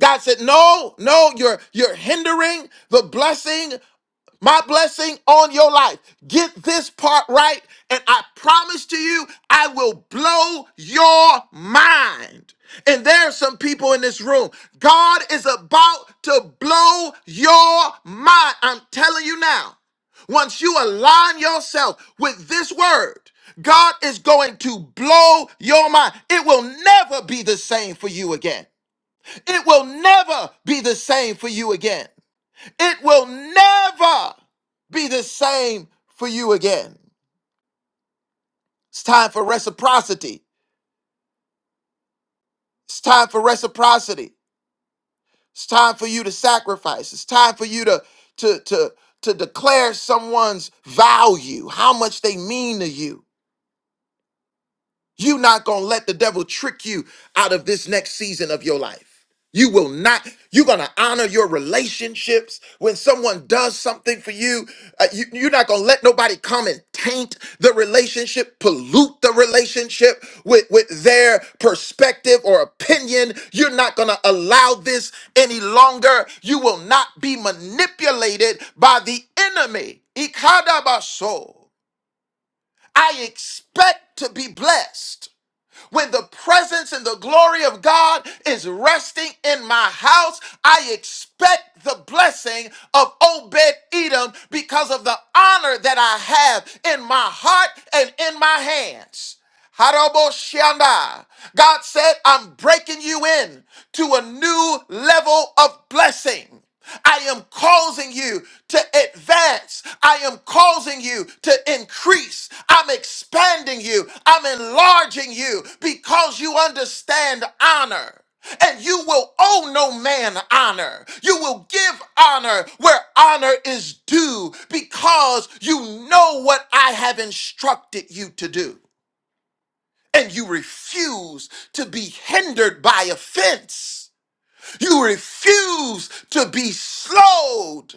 [SPEAKER 3] God said, No, no, you're you're hindering the blessing my blessing on your life. Get this part right, and I promise to you, I will blow your mind. And there are some people in this room. God is about to blow your mind. I'm telling you now. Once you align yourself with this word, God is going to blow your mind. It will never be the same for you again. It will never be the same for you again. It will never be the same for you again. It's time for reciprocity. It's time for reciprocity. It's time for you to sacrifice. It's time for you to to to to declare someone's value, how much they mean to you You're not going to let the devil trick you out of this next season of your life. You will not. You're going to honor your relationships. When someone does something for you, uh, you you're not going to let nobody come and taint the relationship, pollute the relationship with, with their perspective or opinion. You're not going to allow this any longer. You will not be manipulated by the enemy. Ikadabaso. I expect to be blessed. When the presence and the glory of God is resting in my house, I expect the blessing of Obed Edom because of the honor that I have in my heart and in my hands. Haraboshyanda. God said, I'm breaking you in to a new level of blessing. I am causing you to advance. I am causing you to increase. I'm expanding you. I'm enlarging you because you understand honor. And you will owe no man honor. You will give honor where honor is due because you know what I have instructed you to do. And you refuse to be hindered by offense. You refuse to be slowed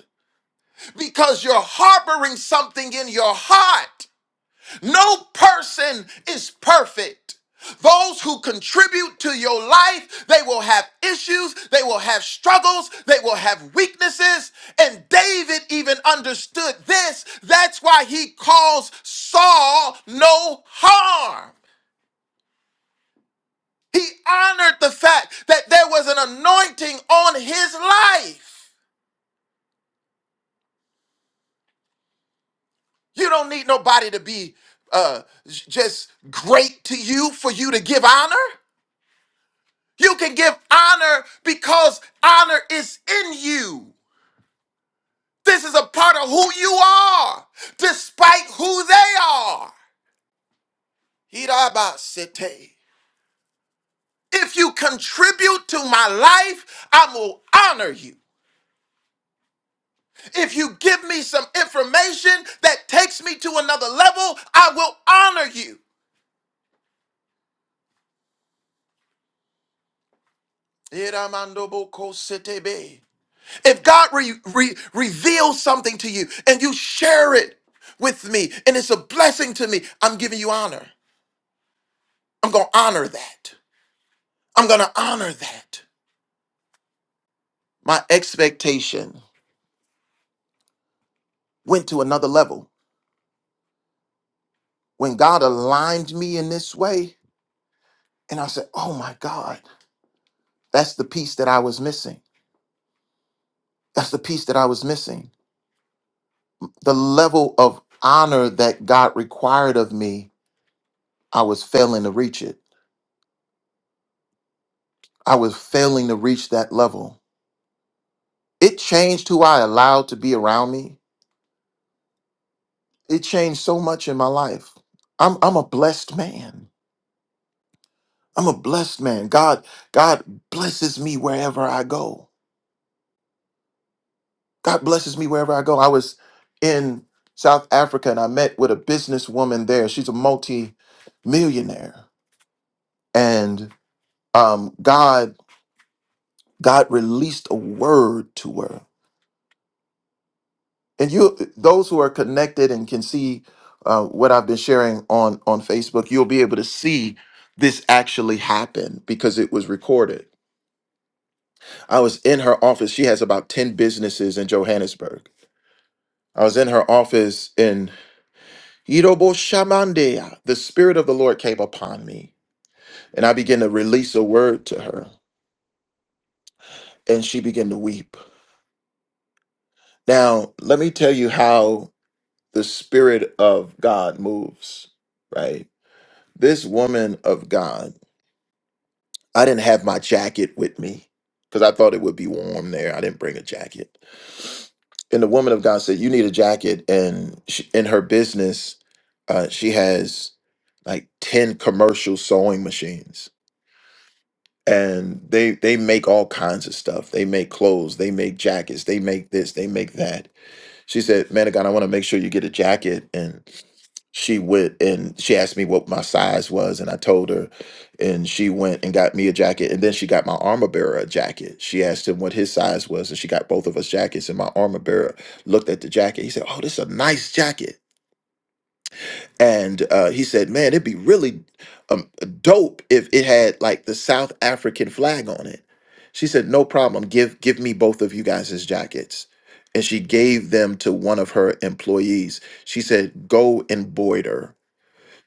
[SPEAKER 3] because you're harboring something in your heart. No person is perfect. Those who contribute to your life, they will have issues, they will have struggles, they will have weaknesses. And David even understood this. That's why he calls Saul no harm. He honored the fact that there was an anointing on his life. You don't need nobody to be uh, j- just great to you for you to give honor. You can give honor because honor is in you. This is a part of who you are, despite who they are. Hirabasete. If you contribute to my life, I will honor you. If you give me some information that takes me to another level, I will honor you. Hiramandobokosete. If God re- re- reveals something to you and you share it with me and it's a blessing to me, I'm giving you honor. I'm going to honor that. I'm going to honor that. My expectation went to another level. When God aligned me in this way, and I said, oh my God, that's the piece that I was missing. That's the piece that I was missing. The level of honor that God required of me, I was failing to reach it. I was failing to reach that level It changed who I allowed to be around me. It changed so much in my life. I'm I'm a blessed man. I'm a blessed man. God God blesses me wherever I go. God blesses me wherever I go. I was in South Africa and I met with a businesswoman there. She's a multi-millionaire. And um, God God released a word to her and you those who are connected and can see uh, what i've been sharing on on facebook you'll be able to see this actually happen because it was recorded i was in her office she has about 10 businesses in johannesburg i was in her office in Irobo Shamandea, the Spirit of the Lord came upon me, and I began to release a word to her, and she began to weep. Now, let me tell you how the Spirit of God moves, right? This woman of God I didn't have my jacket with me because I thought it would be warm there. I didn't bring a jacket. And the woman of God said, "You need a jacket." And she, in her business, uh, she has like ten commercial sewing machines, and they they make all kinds of stuff. They make clothes, they make jackets, they make this, they make that. She said, Manigan, I want to make sure you get a jacket. And she went and she asked me what my size was and I told her and she went and got me a jacket and then she got my armor bearer a jacket. She asked him what his size was and she got both of us jackets and my armor bearer looked at the jacket. He said, "Oh, this is a nice jacket." and uh, he said, "Man, it'd be really um, dope if it had like the South African flag on it." She said, "No problem. Give give me both of you guys' jackets." And she gave them to one of her employees. She said, "Go embroider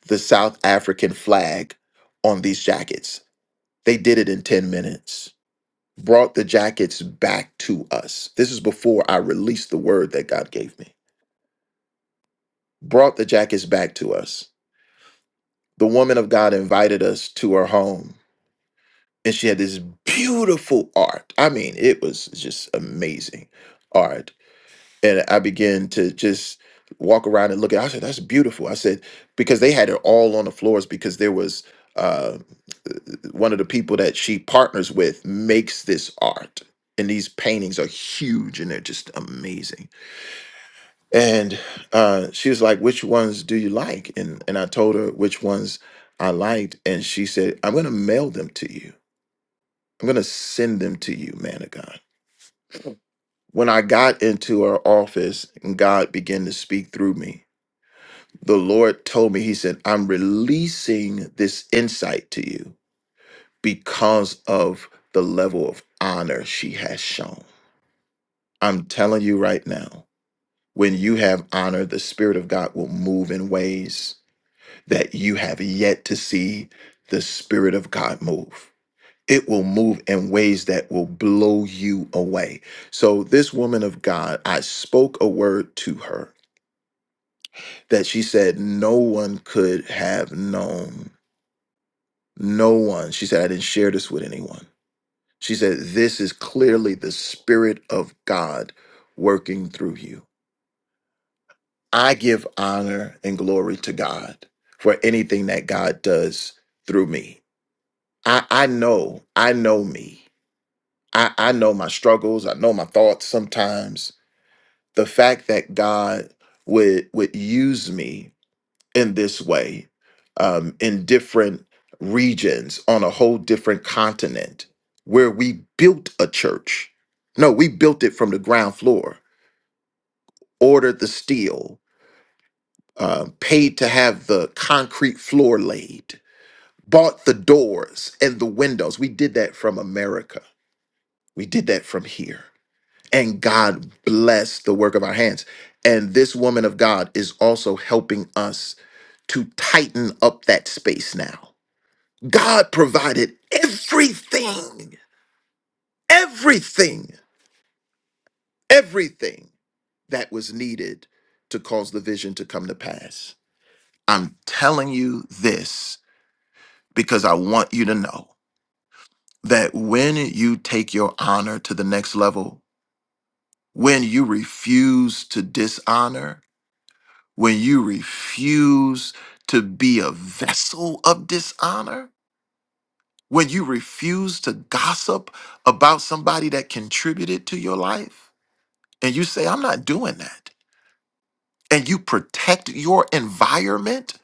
[SPEAKER 3] the South African flag on these jackets." They did it in 10 minutes. Brought the jackets back to us. This is before I released the word that God gave me. Brought the jackets back to us the woman of God invited us to her home, and she had this beautiful art. I mean, it was just amazing art. And I began to just walk around and look at. It. I said, "That's beautiful." I said because they had it all on the floors because there was uh, one of the people that she partners with makes this art, and these paintings are huge and they're just amazing. And uh, she was like, "Which ones do you like?" And and I told her which ones I liked, and she said, "I'm going to mail them to you. I'm going to send them to you, man of God." When I got into her office and God began to speak through me, the Lord told me, He said, "I'm releasing this insight to you because of the level of honor she has shown." I'm telling you right now, when you have honor, the Spirit of God will move in ways that you have yet to see the Spirit of God move. It will move in ways that will blow you away. So, this woman of God, I spoke a word to her that she said no one could have known. No one. She said, I didn't share this with anyone. She said, This is clearly the Spirit of God working through you. I give honor and glory to God for anything that God does through me I I know, I know me. I I know my struggles, I know my thoughts sometimes. The fact that God would would use me in this way um in different regions on a whole different continent where we built a church. No, we built it from the ground floor, ordered the steel, uh, paid to have the concrete floor laid, bought the doors and the windows. We did that from America. We did that from here. and God bless the work of our hands. And this woman of God is also helping us to tighten up that space now. God provided everything, everything, everything that was needed to cause the vision to come to pass. I'm telling you this because I want you to know that when you take your honor to the next level, when you refuse to dishonor, when you refuse to be a vessel of dishonor, when you refuse to gossip about somebody that contributed to your life, and you say, I'm not doing that, and you protect your environment,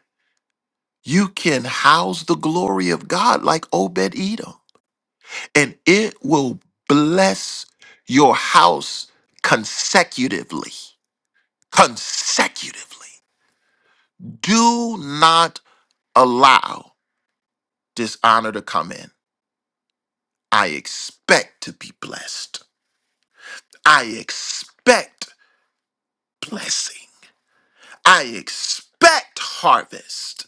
[SPEAKER 3] you can house the glory of God like Obed Edom, and it will bless your house consecutively. Consecutively. Do not allow. dishonor to come in. I expect to be blessed. I expect blessing. I expect harvest.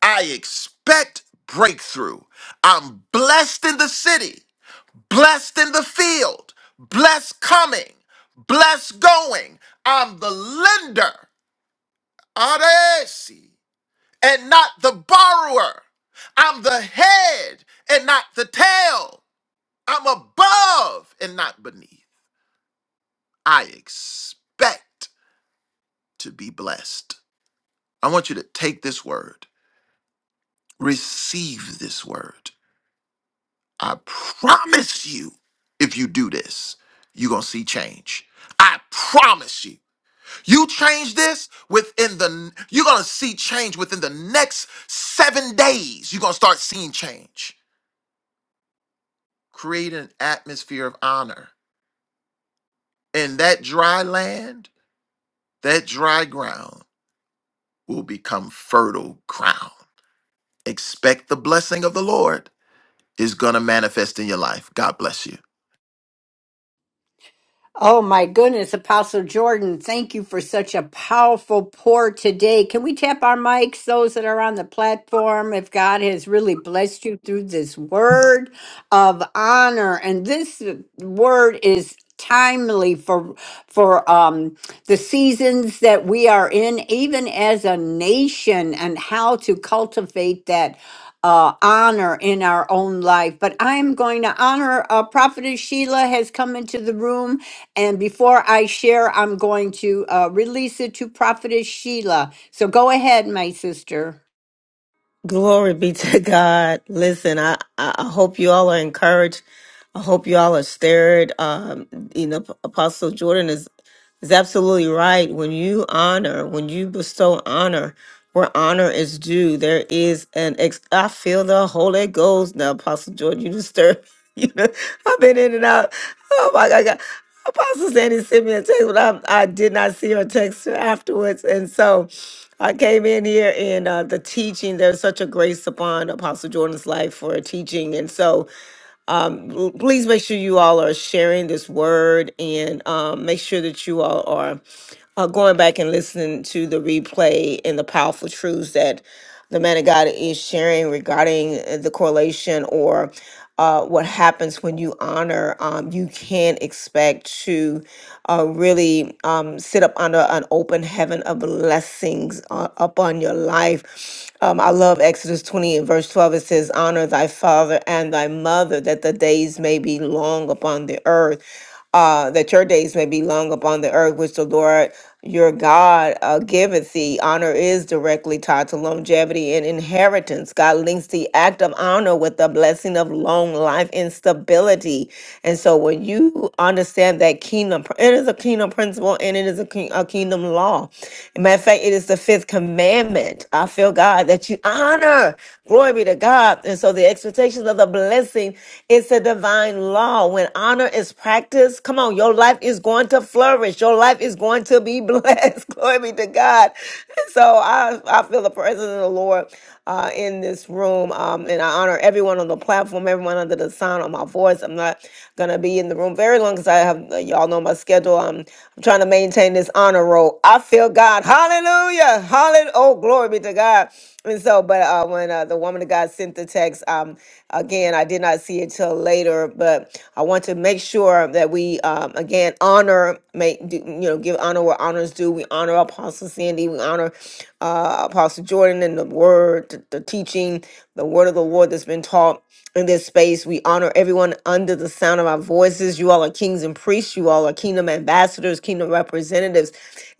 [SPEAKER 3] I expect breakthrough. I'm blessed in the city, blessed in the field, blessed coming, blessed going. I'm the lender, Aresi, and not the borrower. I'm the head and not the tail. I'm above and not beneath. I expect to be blessed. I want you to take this word, receive this word. I promise you, if you do this, you're going to see change. I promise you. You change this within the, you're going to see change within the next seven days. You're going to start seeing change. Create an atmosphere of honor. And that dry land, that dry ground will become fertile ground. Expect the blessing of the Lord is going to manifest in your life. God bless you.
[SPEAKER 2] Oh my goodness, Apostle Jordan, thank you for such a powerful pour today. Can we tap our mics, those that are on the platform, if God has really blessed you through this word of honor? And this word is timely for for um the seasons that we are in even as a nation and how to cultivate that uh, honor in our own life but i'm going to honor uh, prophetess sheila has come into the room and before I share, I'm going to uh, release it to Prophetess Sheila. So go ahead, my sister.
[SPEAKER 8] Glory be to God. Listen, I, I I hope you all are encouraged. I hope you all are stirred. Um, you know, Apostle Jordan is is absolutely right. When you honor, when you bestow honor where honor is due, there is an ex. I feel the Holy Ghost now, Apostle George. You disturb. You know, I've been in and out. Oh my God. God. Apostle Sandy sent me a text, but I, I did not see her text afterwards. And so I came in here and uh, the teaching, there's such a grace upon Apostle Jordan's life for teaching. And so um, l- please make sure you all are sharing this word and um, make sure that you all are uh, going back and listening to the replay and the powerful truths that the man of God is sharing regarding uh, the correlation or uh, what happens when you honor. Um, you can expect to uh, really um, sit up under an open heaven of blessings uh, upon your life. Um, I love Exodus 20 and verse 12. It says, Honor thy father and thy mother, that the days may be long upon the earth. Uh, that your days may be long upon the earth, which the Lord your God uh, giveth thee. Honor is directly tied to longevity and inheritance. God links the act of honor with the blessing of long life and stability. And so when you understand that kingdom, pr- it is a kingdom principle and it is a, king, a kingdom law. Matter of fact, it is the fifth commandment. I feel God that you honor. Glory be to God. And so the expectations of the blessing is a divine law. When honor is practiced, come on, your life is going to flourish. Your life is going to be blessed. Glory be to God. so I, I feel the presence of the Lord uh, in this room. Um, and I honor everyone on the platform, everyone under the sound of my voice. I'm not going to be in the room very long because I have, uh, y'all know my schedule. I'm, I'm trying to maintain this honor roll. I feel God. Hallelujah. Hallelujah oh, glory be to God. And so, but uh, when uh, the woman of God sent the text, um, again, I did not see it till later, but I want to make sure that we, um, again, honor, make, do, you know, give honor where honors due. We honor Apostle Sandy, we honor uh, Apostle Jordan and the word, the, the teaching, the word of the Lord that's been taught in this space. We honor everyone under the sound of our voices. You all are kings and priests. You all are kingdom ambassadors, kingdom representatives.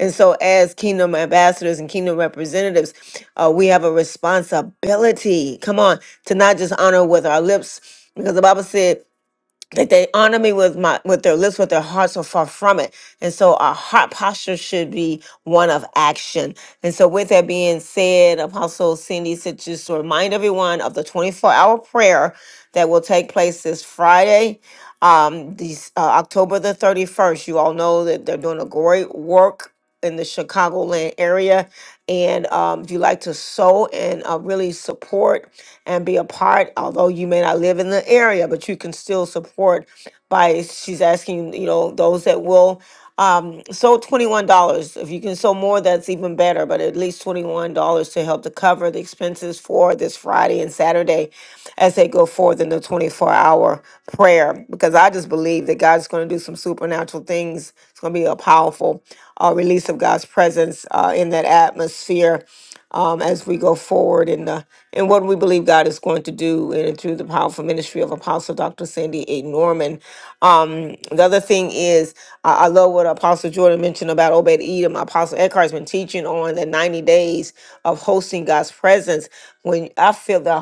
[SPEAKER 8] And so, as kingdom ambassadors and kingdom representatives, uh, we have a responsibility, come on, to not just honor with our lips, because the Bible said that they honor me with my with their lips, but their hearts are far from it. And so our heart posture should be one of action. And so with that being said, Apostle Cindy said just to remind everyone of the 24-hour prayer that will take place this Friday, um, these, uh, October the 31st. You all know that they're doing a great work in the Chicagoland area. And um, if you like to sow and uh, really support and be a part, although you may not live in the area, but you can still support by, she's asking, you know, those that will um, so $21. If you can sell more, that's even better, but at least $21 to help to cover the expenses for this Friday and Saturday as they go forth in the 24 hour prayer. Because I just believe that God's going to do some supernatural things. It's going to be a powerful uh, release of God's presence uh, in that atmosphere um, as we go forward in the in what we believe God is going to do in and through the powerful ministry of Apostle Dr. Sandy A. Norman. Um, the other thing is, I I love what Apostle Jordan mentioned about Obed Edom. Apostle Eckhart's been teaching on the 90 days of hosting God's presence. When I feel the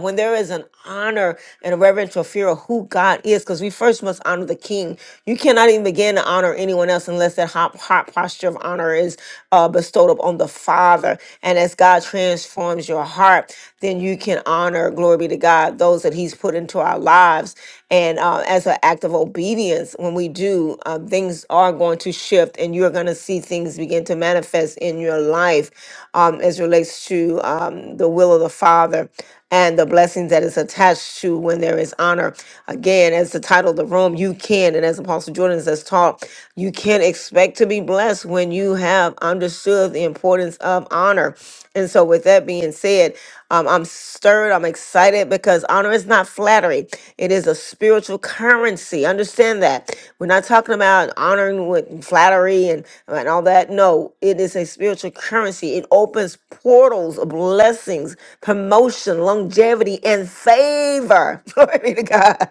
[SPEAKER 8] when there is an honor and a reverential fear of who God is, because we first must honor the King. You cannot even begin to honor anyone else unless that hot, hot posture of honor is uh, bestowed bestowed upon the Father. And as God transforms your heart, then you can honor, glory be to God, those that He's put into our lives. And uh, as an act of obedience, when we do, uh, things are going to shift and you're going to see things begin to manifest in your life um, as relates to um, the will of the Father and the blessings that is attached to when there is honor. Again, as the title of the room, you can, and as Apostle Jordan has taught, you can expect to be blessed when you have understood the importance of honor. And so, with that being said, um, I'm stirred, I'm excited because honor is not flattery, it is a spiritual currency. Understand that. We're not talking about honoring with flattery and, and all that. No, it is a spiritual spiritual currency. It opens portals of blessings, promotion, longevity, and favor. Glory be to God.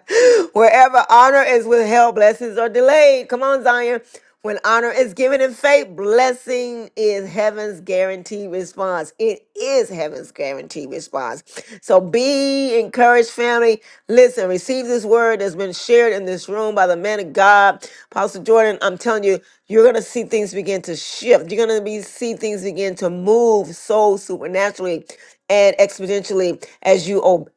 [SPEAKER 8] Wherever honor is withheld, blessings are delayed. Come on, Zion. When honor is given in faith, blessing is heaven's guaranteed response. It is heaven's guaranteed response. So be encouraged, family. Listen, receive this word that's been shared in this room by the man of God. Apostle Jordan, I'm telling you, you're gonna see things begin to shift. You're gonna be see things begin to move so supernaturally and exponentially as you obey.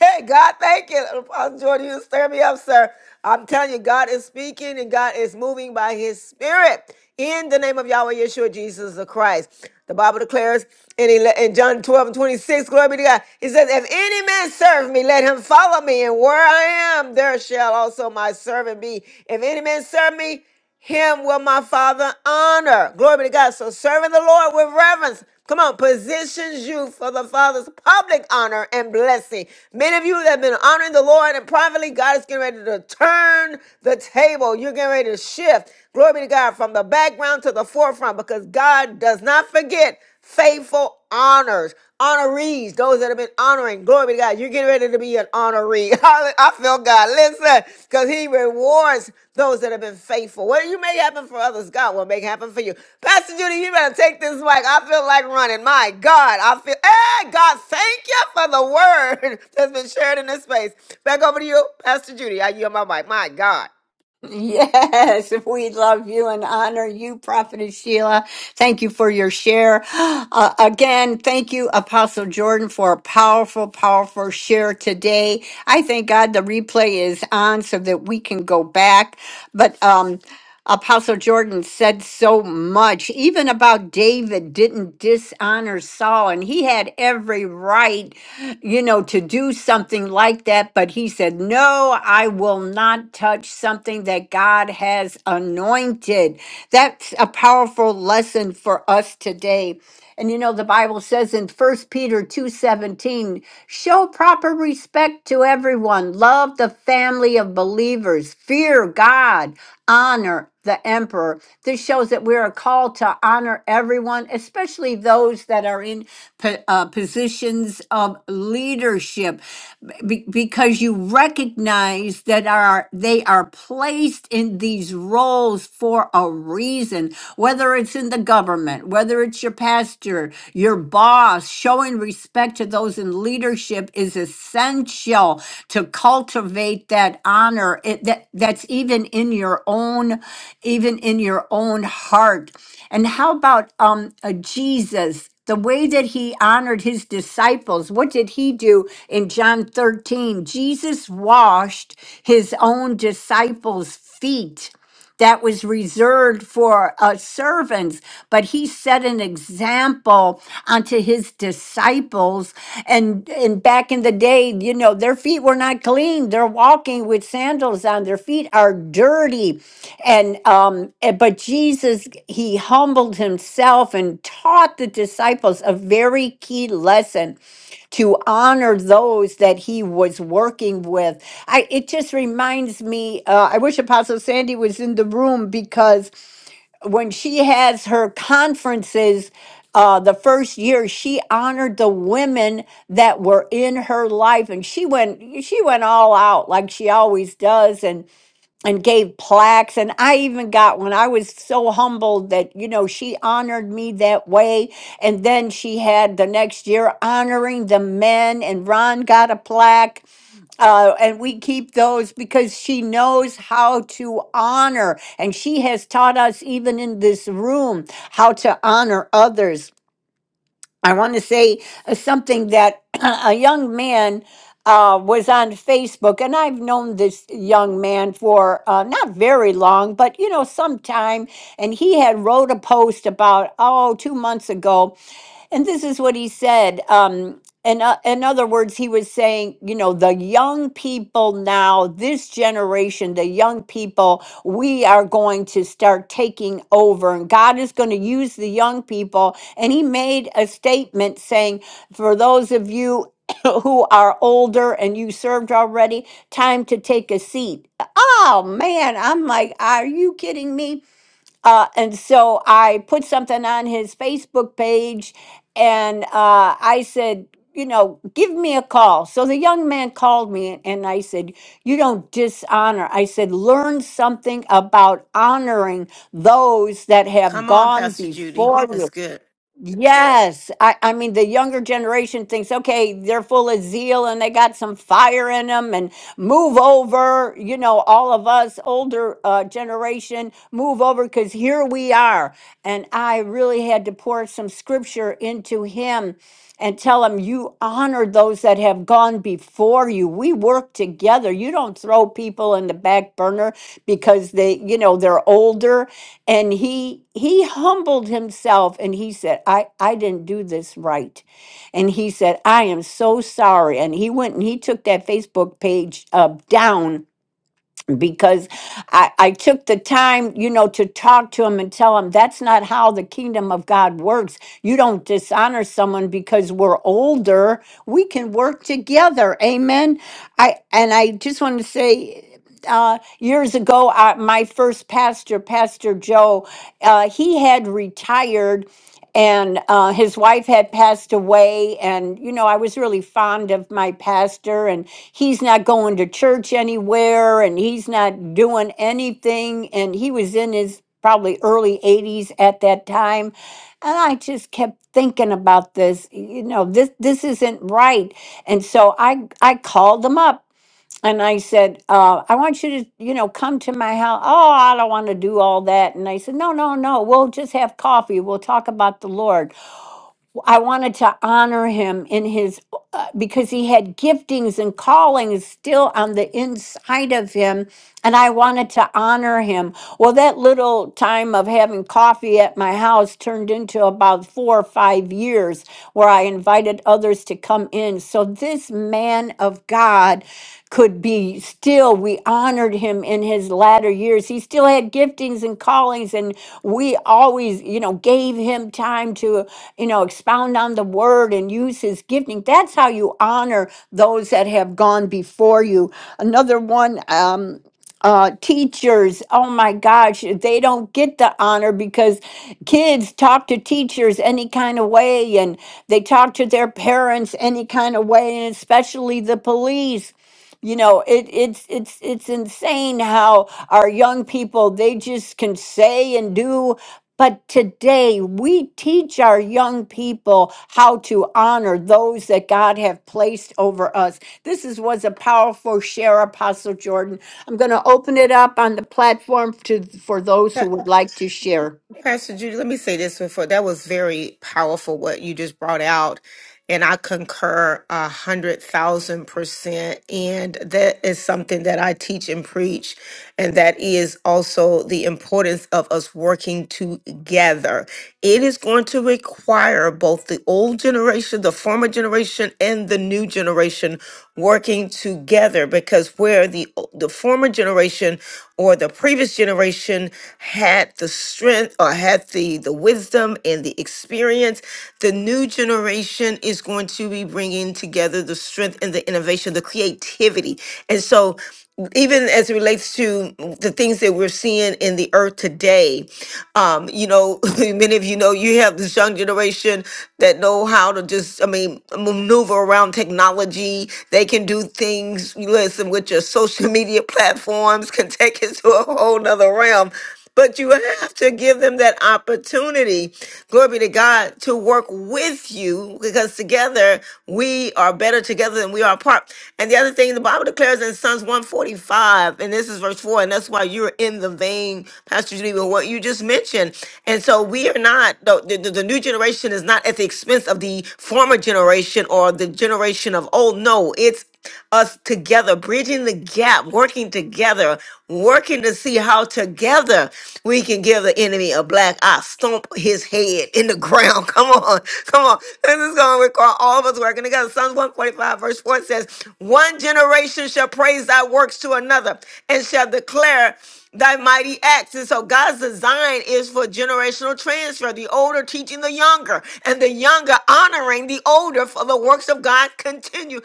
[SPEAKER 8] Hey God, thank you. Apostle Jordan, you stir me up, sir. I'm telling you, God is speaking and God is moving by his spirit in the name of Yahweh Yeshua Jesus the Christ. The Bible declares in, ele- in John 12 and 26, glory be to God. He says, If any man serve me, let him follow me, and where I am, there shall also my servant be. If any man serve me, him will my father honor. Glory be to God. So serving the Lord with reverence, Come on, positions you for the Father's public honor and blessing. Many of you that have been honoring the Lord and privately, God is getting ready to turn the table. You're getting ready to shift. Glory be to God from the background to the forefront because God does not forget faithful honors, honorees, those that have been honoring. Glory be to God. You're Get ready to be an honoree. Holla- I feel God. Listen, because He rewards those that have been faithful. What you make happen for others, God will make happen for you. Pastor Judy, you better take this mic. I feel like running. My God, I feel. Hey, God, thank you for the word that's been shared in this space. Back over to you, Pastor Judy. I yield my mic. My God.
[SPEAKER 2] Yes, we love you and honor you, Prophetess Sheila. Thank you for your share. Uh, again, thank you, Apostle Jordan, for a powerful, powerful share today. I thank God the replay is on so that we can go back. But um, Apostle Jordan said so much, even about David didn't dishonor Saul, and he had every right, you know, to do something like that. But he said, No, I will not touch something that God has anointed. That's a powerful lesson for us today. And you know, the Bible says in First Peter 2:17, show proper respect to everyone, love the family of believers, fear God, honor the emperor. This shows that we are called to honor everyone, especially those that are in po- uh, positions of leadership, be- because you recognize that are they are placed in these roles for a reason whether it's in the government, whether it's your pastor, your boss, showing respect to those in leadership is essential to cultivate that honor it, that that's even in your own even in your own heart. And how about um uh, Jesus the way that he honored his disciples, what did he do in John 13? Jesus washed his own disciples' feet that was reserved for uh, servants, but he set an example unto his disciples. And, and back in the day, you know, their feet were not clean. They're walking with sandals on. Their feet are dirty. And, um, eh, but Jesus, he humbled himself and taught the disciples a very key lesson to honor those that he was working with. I it just reminds me uh, I wish Apostle Sandy was in the room because when she has her conferences uh, the first year she honored the women that were in her life and she went she went all out like she always does and and gave plaques and I even got one. I was so humbled that you know she honored me that way and then she had the next year honoring the men and Ron got a plaque uh, and we keep those because she knows how to honor and she has taught us even in this room how to honor others I want to say uh, something that a young man uh, was on Facebook, and I've known this young man for uh, not very long, but you know, some time. And he had wrote a post about oh two months ago and this is what he said. Um, in, o- in other words, he was saying, you know, the young people now, this generation, the young people, we are going to start taking over, and God is going to use the young people. And he made a statement saying, for those of you who are older and you served already, time to take a seat. Oh man, I'm like, are you kidding me? Uh, and so I put something on his Facebook page and uh, I said, you know, give me a call. So the young man called me and I said, You don't dishonor. I said, Learn something about honoring those that have
[SPEAKER 8] Come on,
[SPEAKER 2] gone
[SPEAKER 8] Pastor Judy.
[SPEAKER 2] before
[SPEAKER 8] That's good.
[SPEAKER 2] Yes, I, I mean the younger generation thinks okay, they're full of zeal and they got some fire in them and move over, you know, all of us older uh, generation move over cuz here we are. And I really had to pour some scripture into him and tell them you honor those that have gone before you. We work together. You don't throw people in the back burner because they, you know, they're older. And he he humbled himself and he said, I, I didn't do this right. And he said, I am so sorry. And he went and he took that Facebook page uh, down because I, I took the time, you know, to talk to him and tell him that's not how the kingdom of God works. You don't dishonor someone because we're older. We can work together. Amen. I and I just want to say uh, years ago, uh, my first pastor, Pastor Joe, uh, he had retired and uh, his wife had passed away and you know i was really fond of my pastor and he's not going to church anywhere and he's not doing anything and he was in his probably early 80s at that time and i just kept thinking about this you know this this isn't right and so i i called him up and I said, uh, I want you to, you know, come to my house. Oh, I don't want to do all that. And I said, No, no, no. We'll just have coffee. We'll talk about the Lord. I wanted to honor him in his, uh, because he had giftings and callings still on the inside of him. And I wanted to honor him. Well, that little time of having coffee at my house turned into about four or five years where I invited others to come in. So this man of God, could be still, we honored him in his latter years. He still had giftings and callings, and we always, you know, gave him time to, you know, expound on the word and use his gifting. That's how you honor those that have gone before you. Another one, um, uh, teachers, oh my gosh, they don't get the honor because kids talk to teachers any kind of way and they talk to their parents any kind of way, and especially the police you know it it's it's it's insane how our young people they just can say and do but today we teach our young people how to honor those that God have placed over us. This is was a powerful share, Apostle Jordan. I'm going to open it up on the platform to for those
[SPEAKER 8] Pa-
[SPEAKER 2] who would like to share.
[SPEAKER 8] Pastor Judy, let me say this before that was very powerful what you just brought out And I concur a hundred thousand percent. And that is something that I teach and preach. And that is also the importance of us working together. It is going to require both the old generation, the former generation, and the new generation working together because where the o- the former generation or the previous generation had the strength or had the the wisdom and the experience the new generation is going to be bringing together the strength and the innovation, the creativity. And so, even as it relates to the things that we're seeing in the earth today, um, you know, many of you know you have this young generation that know how to just, I mean, maneuver around technology. They can do things, listen, with your social media platforms, can take it to a whole nother realm but you have to give them that opportunity, glory be to God, to work with you because together we are better together than we are apart. And the other thing the Bible declares in Psalms 145, and this is verse 4, and that's why you're in the vein, Pastor Judy, with what you just mentioned. And so we are not, the, the, the new generation is not at the expense of the former generation or the generation of old. No, it's us together, bridging the gap, working together, working to see how together we can give the enemy a black eye, stomp his head in the ground. Come on, come on. This is going to require all of us working together. Psalms 145, verse 4 says, One generation shall praise thy works to another and shall declare thy mighty acts. And so God's design is for generational transfer, the older teaching the younger, and the younger honoring the older for the works of God continue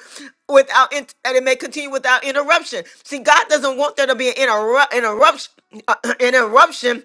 [SPEAKER 8] without and it may continue without interruption. See, God doesnuption. doesn't want there to be an interru- interruption. interruption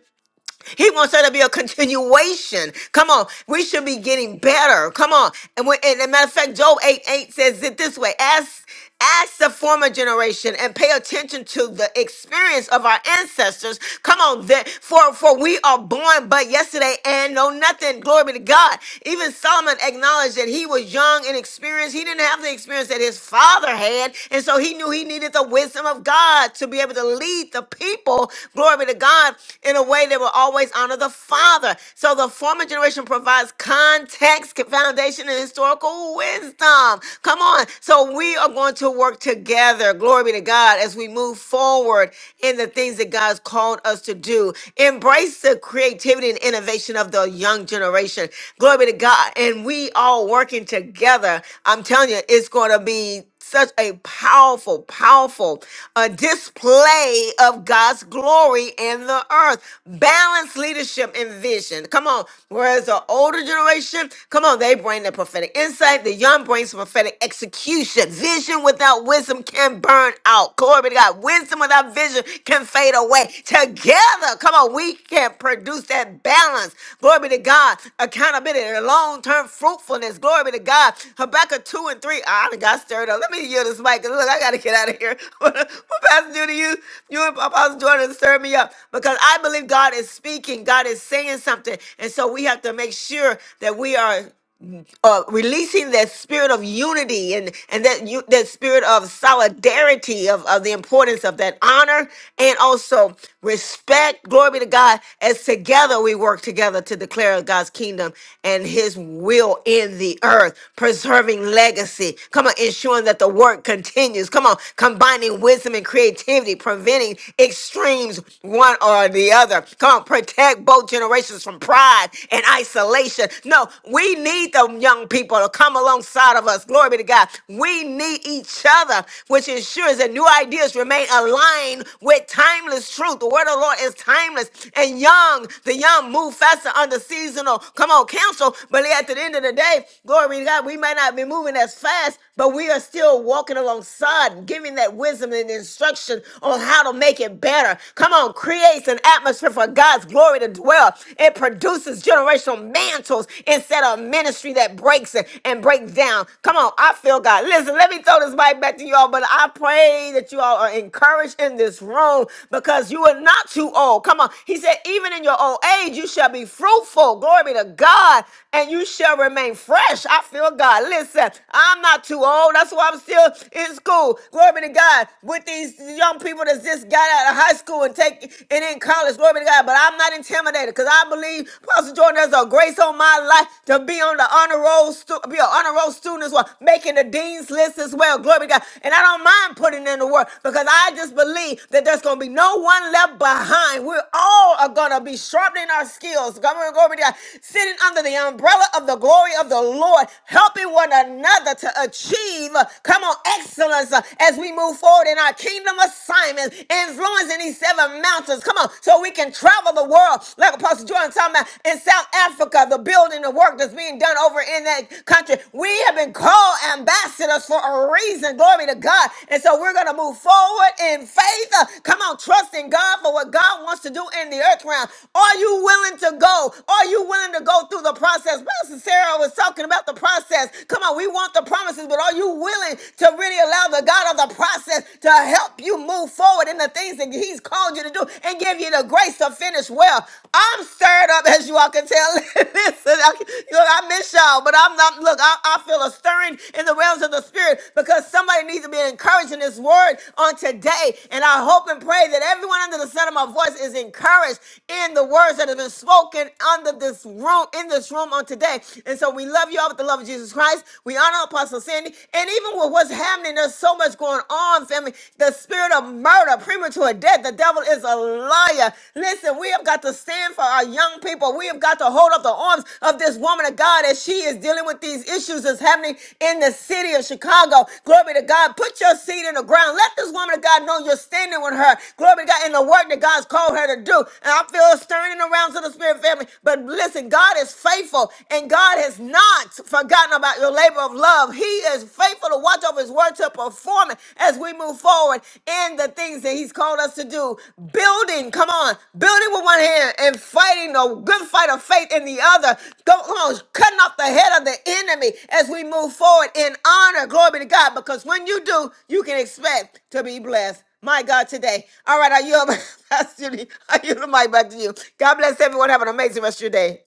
[SPEAKER 8] he wants there to be a continuation. Come on, we should be getting better. Come on, and when, and as a matter of fact, Job eight eight says it this way: Ask ask the former generation and pay attention to the experience of our ancestors. Come on, that for for we are born but yesterday and know nothing. Glory be to God. Even Solomon acknowledged that he was young and experienced. He didn't have the experience that his father had, and so he knew he needed the wisdom of God to be able to lead the people, glory be to God, in a way that will always honor the Father. So the former generation provides context, foundation, and historical wisdom. Come on. So we are going to work together, glory be to God, as we move forward in the things that God's called us to do. Embrace the creativity and innovation of the young generation. Glory be to God. And we all working together. I'm telling you, it's going to be such a powerful, powerful uh, display of God's glory in the earth. Balanced leadership and vision. Come on. Whereas the older generation, come on, they bring the prophetic insight. The young brings prophetic execution. Vision without wisdom can burn out. Glory to God. Wisdom without vision can fade away. Together together, come on, we can produce that balance. Glory be to God. Accountability, and long term fruitfulness. Glory be to God. Habakkuk 2 and 3. Ah, I done got stirred up. Let me yield this mic. 'cause Look, I got to get out of here. what Pastor do to you? You and Apostle Jordan stirred me up because I believe God is speaking, God is saying something. And so we have to make sure that we are uh, releasing that spirit of unity and and that you that spirit of solidarity of, of the importance of that honor and also respect glory be to god as together we work together to declare god's kingdom and his will in the earth preserving legacy come on ensuring that the work continues come on combining wisdom and creativity preventing extremes one or the other come on protect both generations from pride and isolation. No, we need the young people to come alongside of us. Glory be to God. We need each other, which ensures that new ideas remain aligned with timeless truth. The word of the Lord is timeless and young. The young move faster under seasonal. Come on, counsel. But at the end of the day, glory be to God, we may not be moving as fast, but we are still walking alongside, giving that wisdom and instruction on how to make it better. Come on, creates an atmosphere for God's glory to dwell. It produces generational mantles instead of ministry that breaks it and breaks down. Come on, I feel God. Listen, let me throw this mic back to y'all, but I pray that you all are encouraged in this room because you are not too old. Come on. He said, even in your old age, you shall be fruitful. Glory be to God, and you shall remain fresh. I feel God. Listen, I'm not too old. That's why I'm still in school. Glory be to God. With these young people that's just got out of high school and take ain't it ain't college. Glory be to God. But I'm not intimidated because I believe Pastor Jordan there's a grace on my life to be on the honor roll, stu- be an honor roll student as well, making the dean's list as well. Glory be to God. And I don't mind putting in the work because I just believe that there's gonna be no one left behind. We're all are gonna be sharpening our skills. Come on, glory be to God. Sitting under the umbrella of the glory of the Lord, helping one another to achieve. uh, Come on, excellence uh, as we move forward in our kingdom assignments, influencing these seven mountains. Come on, so we can travel the world, like Apostle Jordan talking about in South Africa, the building, the work that's being done over in that country. We have been called ambassadors for a reason. Glory to God. And so we're going to move forward in faith. Uh, Come on, trust in God for what God wants to do in the earth realm. Are you willing to go? Are you willing to go through the process? Pastor Sarah was talking about the process. Come on, we want the promises, but are you willing to really allow? allow the God of the process to help you move forward in the things that He's called you to do and give you the grace to finish well. I'm stirred up, as you all can tell. Listen, I, look, I miss y'all, but I'm not. Look, I, I feel a stirring in the realms of the Spirit because somebody needs to be encouraged in this word on today. And I hope and pray that everyone under the sound of my voice is encouraged in the words that have been spoken under this room, in this room on today. And so we love you all with the love of Jesus Christ. We honor Apostle. Apostle Sandy. And even with what's happening, there's so much going on, family. The spirit of murder, premature death, the devil is a liar. Listen, we have got to stand for our young people. We have got to hold up the arms of this woman of God as she is dealing with these issues that's happening in the city of Chicago. Glory to God. Put your seed in the ground. Let this woman of God know you're standing with her. Glory to God in the work that God's called her to do. And I feel a stirring around to the spirit family. But listen, God is faithful and God has not forgotten about your labor of love. He is faithful to watch over his word to perform it as we move forward in the things that he's called us to do. Building, come on, building with one hand and fighting the good fight of faith in the other. Go, come on, cutting off the head of the enemy as we move forward in honor. Glory be to God, because when you do, you can expect to be blessed. My God, today. All right, are you, Pastor Judy? Are you the mic back to you? God bless everyone. Have an amazing rest of your day.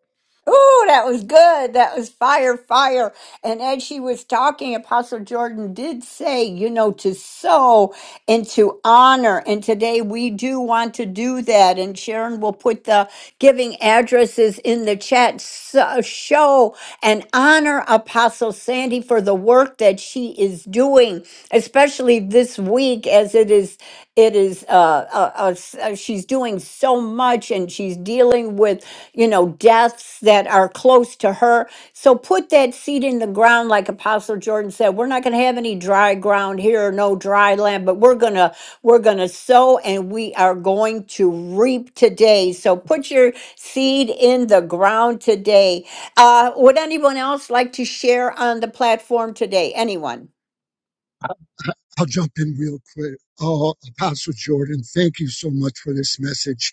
[SPEAKER 2] Ooh, that was good. That was fire, fire. And as she was talking, Apostle Jordan did say, you know, to sow and to honor. And today we do want to do that. And Sharon will put the giving addresses in the chat. So, show and honor Apostle Sandy for the work that she is doing, especially this week as it is it is uh, uh, uh, s- uh, she's doing so much and she's dealing with you know deaths that are close to her so put that seed in the ground like apostle jordan said we're not going to have any dry ground here or no dry land but we're going to we're going to sow and we are going to reap today so put your seed in the ground today uh, would anyone else like to share on the platform today anyone
[SPEAKER 6] I'll jump in real quick. Oh, Apostle Jordan, thank you so much for this message.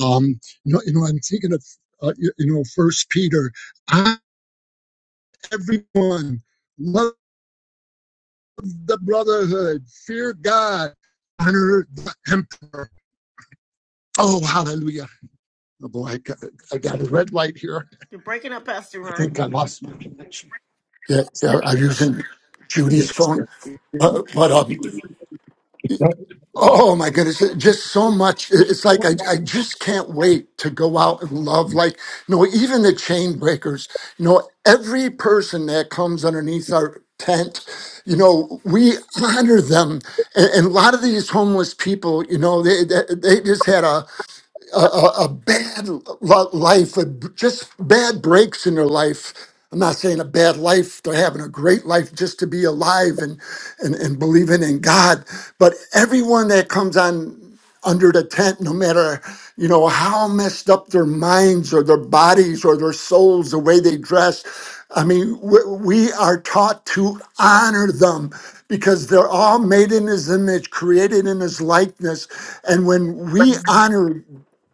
[SPEAKER 6] Um, you know, you know I'm thinking of, uh, you, you know, First Peter. I, everyone, love the brotherhood, fear God, honor the emperor. Oh, hallelujah. Oh boy, I got, I got a red light here. I think I lost my connection.
[SPEAKER 2] Yeah, yeah, I'm using Judy's phone. But, but um,
[SPEAKER 6] That
[SPEAKER 2] oh my goodness, it- just so much. It- It's like I, I just can't wait to go out and love. Like, you know, even the chain breakers, you know, every person that comes underneath our tent, you know, we honor them. And, and a lot of these homeless people, you know, they, they, they just had a, a, a, a bad lo- life, a, b- just bad breaks in their life. I'm not saying a bad life, they're having a great life just to be alive and, and, and believing in God. But everyone that comes on under the tent, no matter, you know, how messed up their minds or their bodies or their souls, the way they dress, I mean, we, we are taught to honor them because they're all made in his image, created in his likeness. And when we honor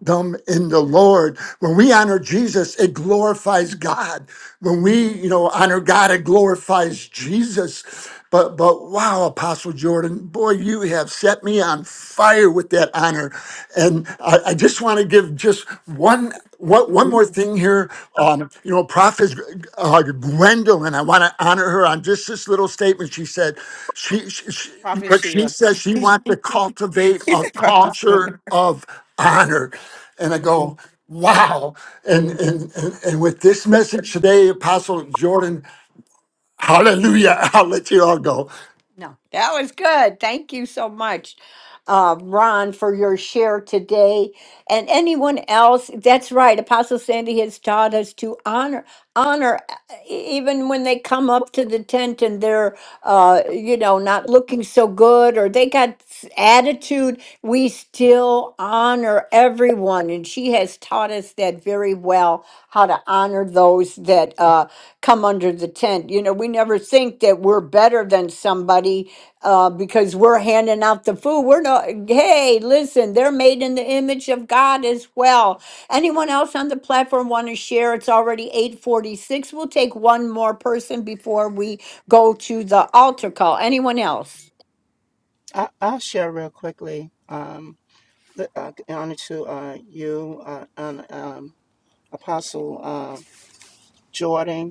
[SPEAKER 2] them in the Lord. When we honor Jesus, it glorifies God. When we, you know, honor God, it glorifies Jesus. But but wow, Apostle Jordan, boy, you have set me on fire with that honor. And I, I just want to give just one one, one more thing here. Um, you know, Prophet uh, Gwendolyn, I want to honor her on just this little statement. She said, she, she, she
[SPEAKER 8] Prophet
[SPEAKER 2] but she
[SPEAKER 8] Sheila.
[SPEAKER 2] says she wants to cultivate
[SPEAKER 8] He
[SPEAKER 2] a
[SPEAKER 8] said prophet's Gwendolyn.
[SPEAKER 2] culture of honor. And I go, wow. And, and, and, and with this message today, Apostle Jordan, Hallelujah. I'll let you all go. No, that was good. Thank you so much, uh, Ron, for your share today. And anyone else, that's right. Apostle Sandy has taught us to honor, honor, uh, e- even when they come up to the tent and they're, uh, you know, not looking so good or they got s- attitude. We still honor everyone, and she has taught us that very well, how to honor those that. uh, come under the tent. You know, we never think that we're better than somebody uh, because we're handing out the food. We're not, hey, listen, they're made in the image of God as well. Anyone else on the platform want to share? It's already 846. We'll take one more person before we go to the altar call. Anyone else?
[SPEAKER 5] I, I'll share real quickly. Um, the, uh, honor to uh, you, uh, and, um, Apostle uh, Jordan.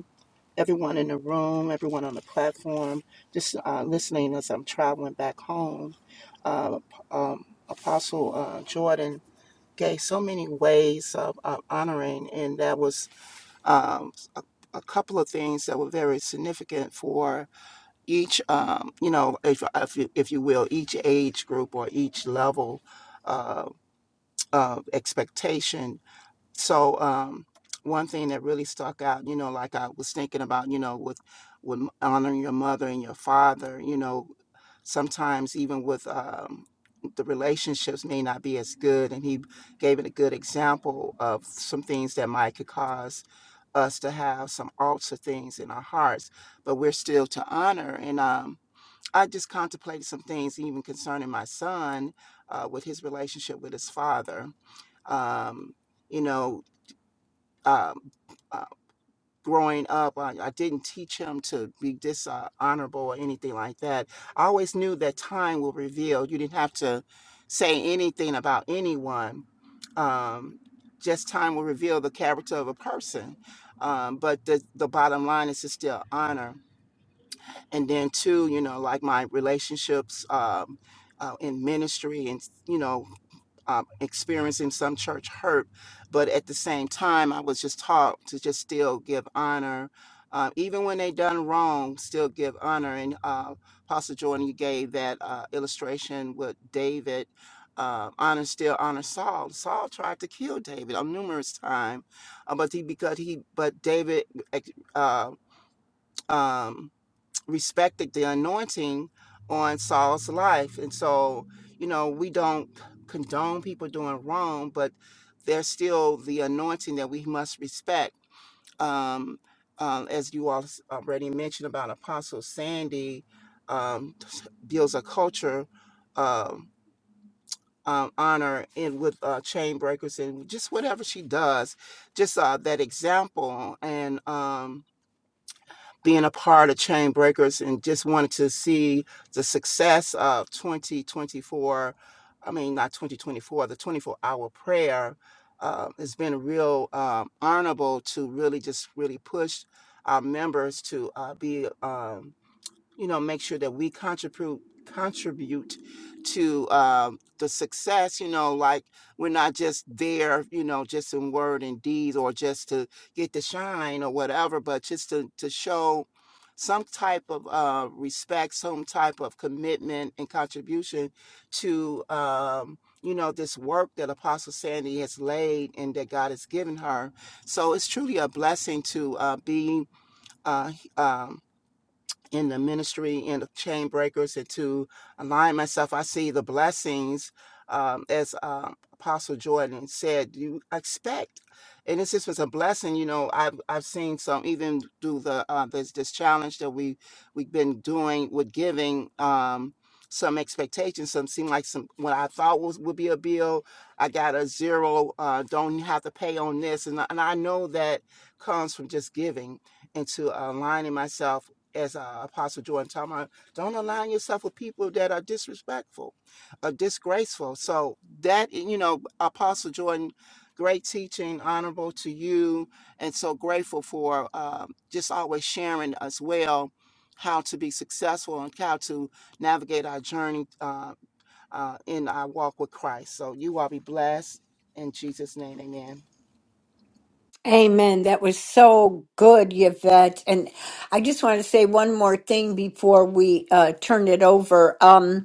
[SPEAKER 5] everyone in the room, everyone on the platform, just uh, listening as I'm traveling back home. Uh, um, Apostle uh, Jordan gave so many ways of, of honoring, and that was um, a, a couple of things that were very significant for each, um, you know, if, if, you, if you will, each age group or each level uh, of expectation so um one thing that really stuck out you know like i was thinking about you know with with honoring your mother and your father you know sometimes even with um the relationships may not be as good and he gave it a good example of some things that might could cause us to have some altar things in our hearts but we're still to honor and um i just contemplated some things even concerning my son uh, with his relationship with his father um, you know um, uh, growing up, I, I didn't teach him to be dishonorable or anything like that. I always knew that time will reveal. You didn't have to say anything about anyone. Um, just time will reveal the character of a person. Um, but the, the bottom line is to still honor. And then, too, you know, like my relationships um, uh, in ministry and, you know, um, experiencing some church hurt, but at the same time, I was just taught to just still give honor, uh, even when they done wrong, still give honor. And uh, Pastor Jordan, you gave that uh, illustration with David. Uh, honor still honor Saul. Saul tried to kill David on numerous times, uh, but he because he but David uh, um, respected the anointing on Saul's life. And so, you know, we don't condone people doing wrong, but there's still the anointing that we must respect. Um, um, as you all s- already mentioned about Apostle Sandy, um, t- builds a culture of um, honor in with uh, chain breakers and just whatever she does, just uh, that example and. um, being a part of Chain Breakers and just wanted to see the success of 2024. I mean, not 2024, the 24 hour prayer. Uh, it's been real um, honorable to really just really push our members to uh, be um, you know make sure that we contribute contribute to um, the success you know like we're not just there you know just in word and deed or just to get the shine or whatever but just to, to show some type of uh, respect some type of commitment and contribution to um, you know this work that apostle sandy has laid and that god has given her so it's truly a blessing to uh, be uh, um, in the ministry in the chain breakers and to align myself i see the blessings um, as um, apostle jordan said you expect and it's just was a blessing you know i've, I've seen some even do the uh, this, this challenge that we we've been doing with giving um, some expectations some seem like some what i thought was would be a bill i got a zero uh, don't have to pay on this and, I- and i know that comes from just giving and to aligning myself as uh, Apostle Jordan talking about, don't align yourself with people that are disrespectful or disgraceful. So that you know, Apostle Jordan, great teaching, honorable to you, and so grateful for um just always sharing as well how to be successful and how to navigate our journey uh, uh, in our walk with Christ. So you all be blessed in Jesus' name, Amen.
[SPEAKER 2] Amen. That was so good, Yvette. And I just want to say one more thing before we uh, turn it over. Um,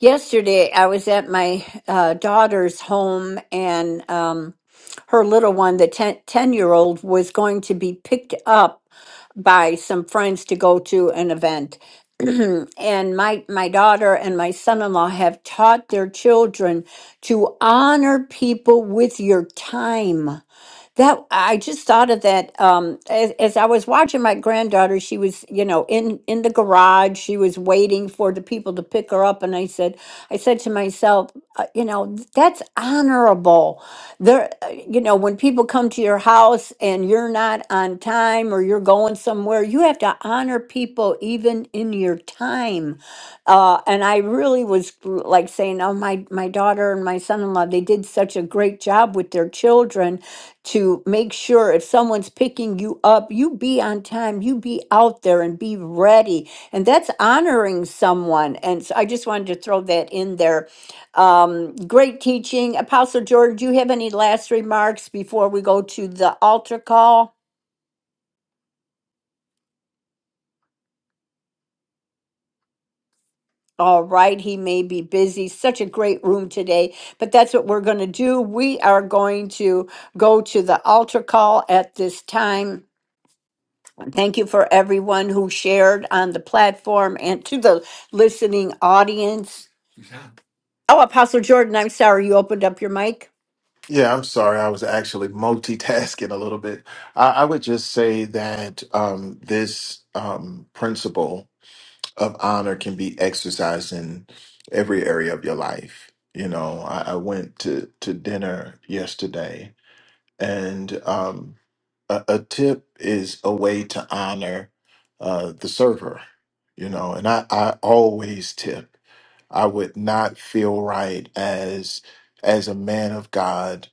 [SPEAKER 2] Yesterday, I was at my uh, daughter's home, and um, her little one, the 10 year old, was going to be picked up by some friends to go to an event. and my, my daughter and my son in law have taught their children to honor people with your time. That I just thought of that um, as, as I was watching my granddaughter. She was, you know, in in the garage. She was waiting for the people to pick her up, and I said, I said to myself, uh, you know, that's honorable. There, uh, you know, when people come to your house and you're not on time or you're or you're going somewhere, you have to honor people even in your time. Uh, and I really was gr- like saying, oh, my, my daughter and my son-in-law, they did such a great job with their children to make sure if someone's picking you up, you be on time, you be out there and be ready. And that's honoring someone. And so I just wanted to throw that in there. Um, great teaching. Apostle George, do you have any last remarks before we go to the altar call? All right, he may be busy. Such a great room today, but that's what we're going to do. We are going to go to the altar call at this time. Thank you for everyone who shared on the platform and to the listening audience. Oh, Apostle Jordan, I'm sorry you opened up your mic.
[SPEAKER 3] Yeah, I'm sorry. I was actually multitasking a little bit. I, I would just say that um, this um, principle of honor can be exercised in every area of your life. You know, I, I went to, to dinner yesterday and um, a, a tip is a way to honor uh, the server you know and I, I always tip i would not feel right as as a man of god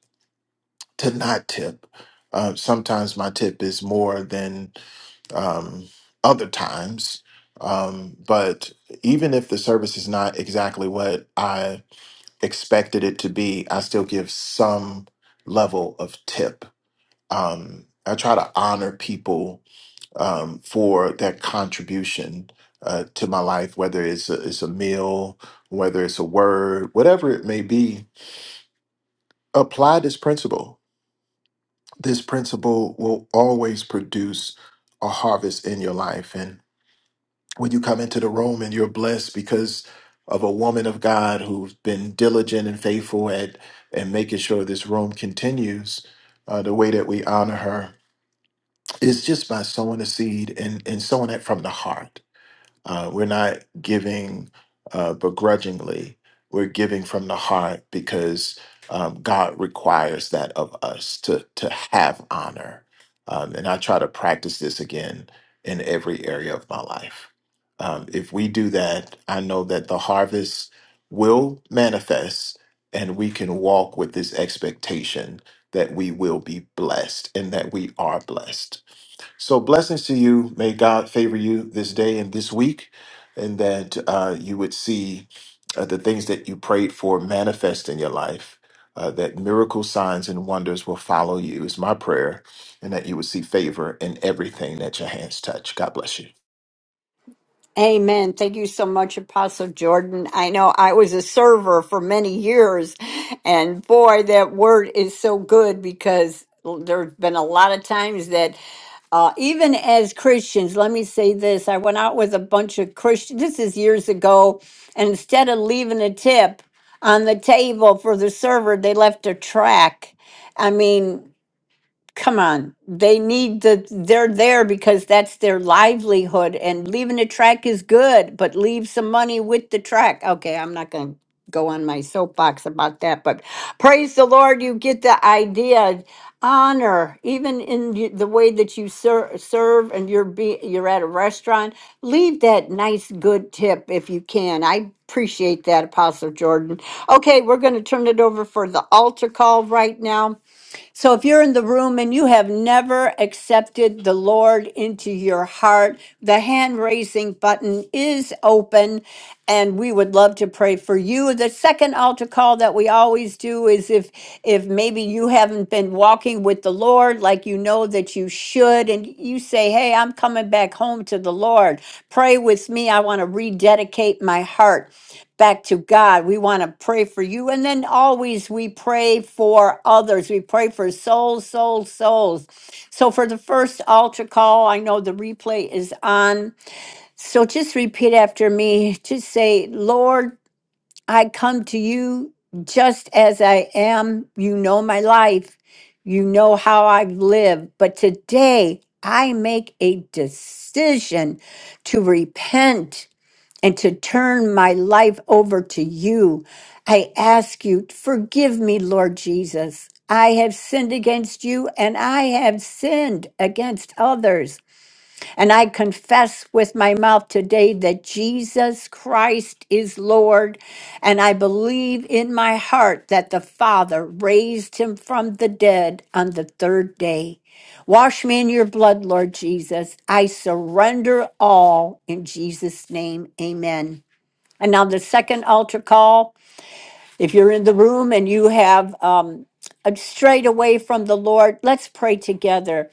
[SPEAKER 3] to not tip uh, sometimes my tip is more than um, other times. Um, but even if the service is not exactly what I expected it to be, I still give some level of tip um, I try to honor people um, for their contribution uh, to my life, whether it's a, it's a meal, whether it's a word, whatever it may be. Apply this principle. This principle will always produce a harvest in your life. And when you come into the room and you're blessed because of a woman of God who's been diligent and faithful at and making sure this room continues uh, the way that we honor her it's just by sowing a seed and, and sowing it from the heart. Uh, we're not giving uh, begrudgingly, we're giving from the heart because um, God requires that of us to, to have honor. Um, and I try to practice this again in every area of my life. Um, if we do that, I know that the harvest will manifest and we can walk with this expectation that we will be blessed and that we are blessed so, blessings to you. May God favor you this day and this week, and that uh, you would see uh, the things that you prayed for manifest in your life. Uh, that miracle signs and wonders will follow you is my prayer, and that you would see favor in everything that your hands touch. God bless you.
[SPEAKER 2] Amen. Thank you so much, Apostle Jordan. I know I was a server for many years, and boy, that word is so good because there's been a lot of times that. Uh, even as Christians, let me say this. I went out with a bunch of Christians, this is years ago, and instead of leaving a tip on the table for the server, they left a track. I mean, come on they need the they're there because that's their livelihood and leaving the track is good but leave some money with the track okay i'm not going to go on my soapbox about that but praise the lord you get the idea honor even in y- the way that you ser- serve and you're be you're at a restaurant leave that nice good tip if you can i appreciate that apostle jordan okay we're going to turn it over for the altar call right now so if you're in the room and you have never accepted the Lord into your heart, the hand raising button is open and we would love to pray for you. The second altar call that we always do is if if maybe you haven't been walking with the Lord like you know that you should and you say, "Hey, I'm coming back home to the Lord. Pray with me. I want to rededicate my heart." back to God. We want to pray for you. And then always we pray for others. We pray for souls, souls, souls. So for the first altar call, I know the replay is on. So just repeat after me. Just say, Lord, I come to you just as I am. You know my life, you know how I've lived. But today, I make a decision to repent and to turn my life over to you. I ask you, forgive me, Lord Jesus. I have sinned against you and I have sinned against others. And I confess with my mouth today that Jesus Christ is Lord. And I believe in my heart that the Father raised him from the dead on the third day. Wash me in your blood, Lord Jesus. I surrender all in Jesus' name. Amen. And now the second altar call, if you're in the room and you have um, a- strayed away from the Lord, let's pray together.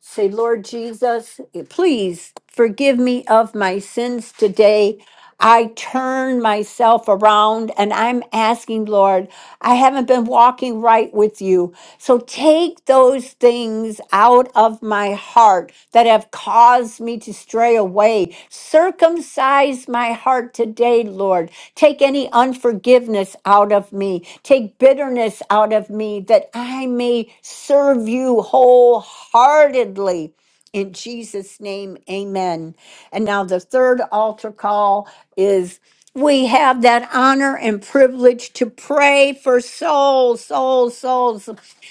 [SPEAKER 2] Say, Lord Jesus, please forgive me of my sins today. I turn myself around and I'm asking, Lord, I haven't been walking right with you. So take those things out of my my heart that have caused me to stray away. Circumcise my heart today, Lord. Take any unforgiveness out of me. Take bitterness out of me that I may serve you wholeheartedly. In Jesus' name, amen. And now the third altar call is we have that honor and privilege to pray for souls, souls, souls.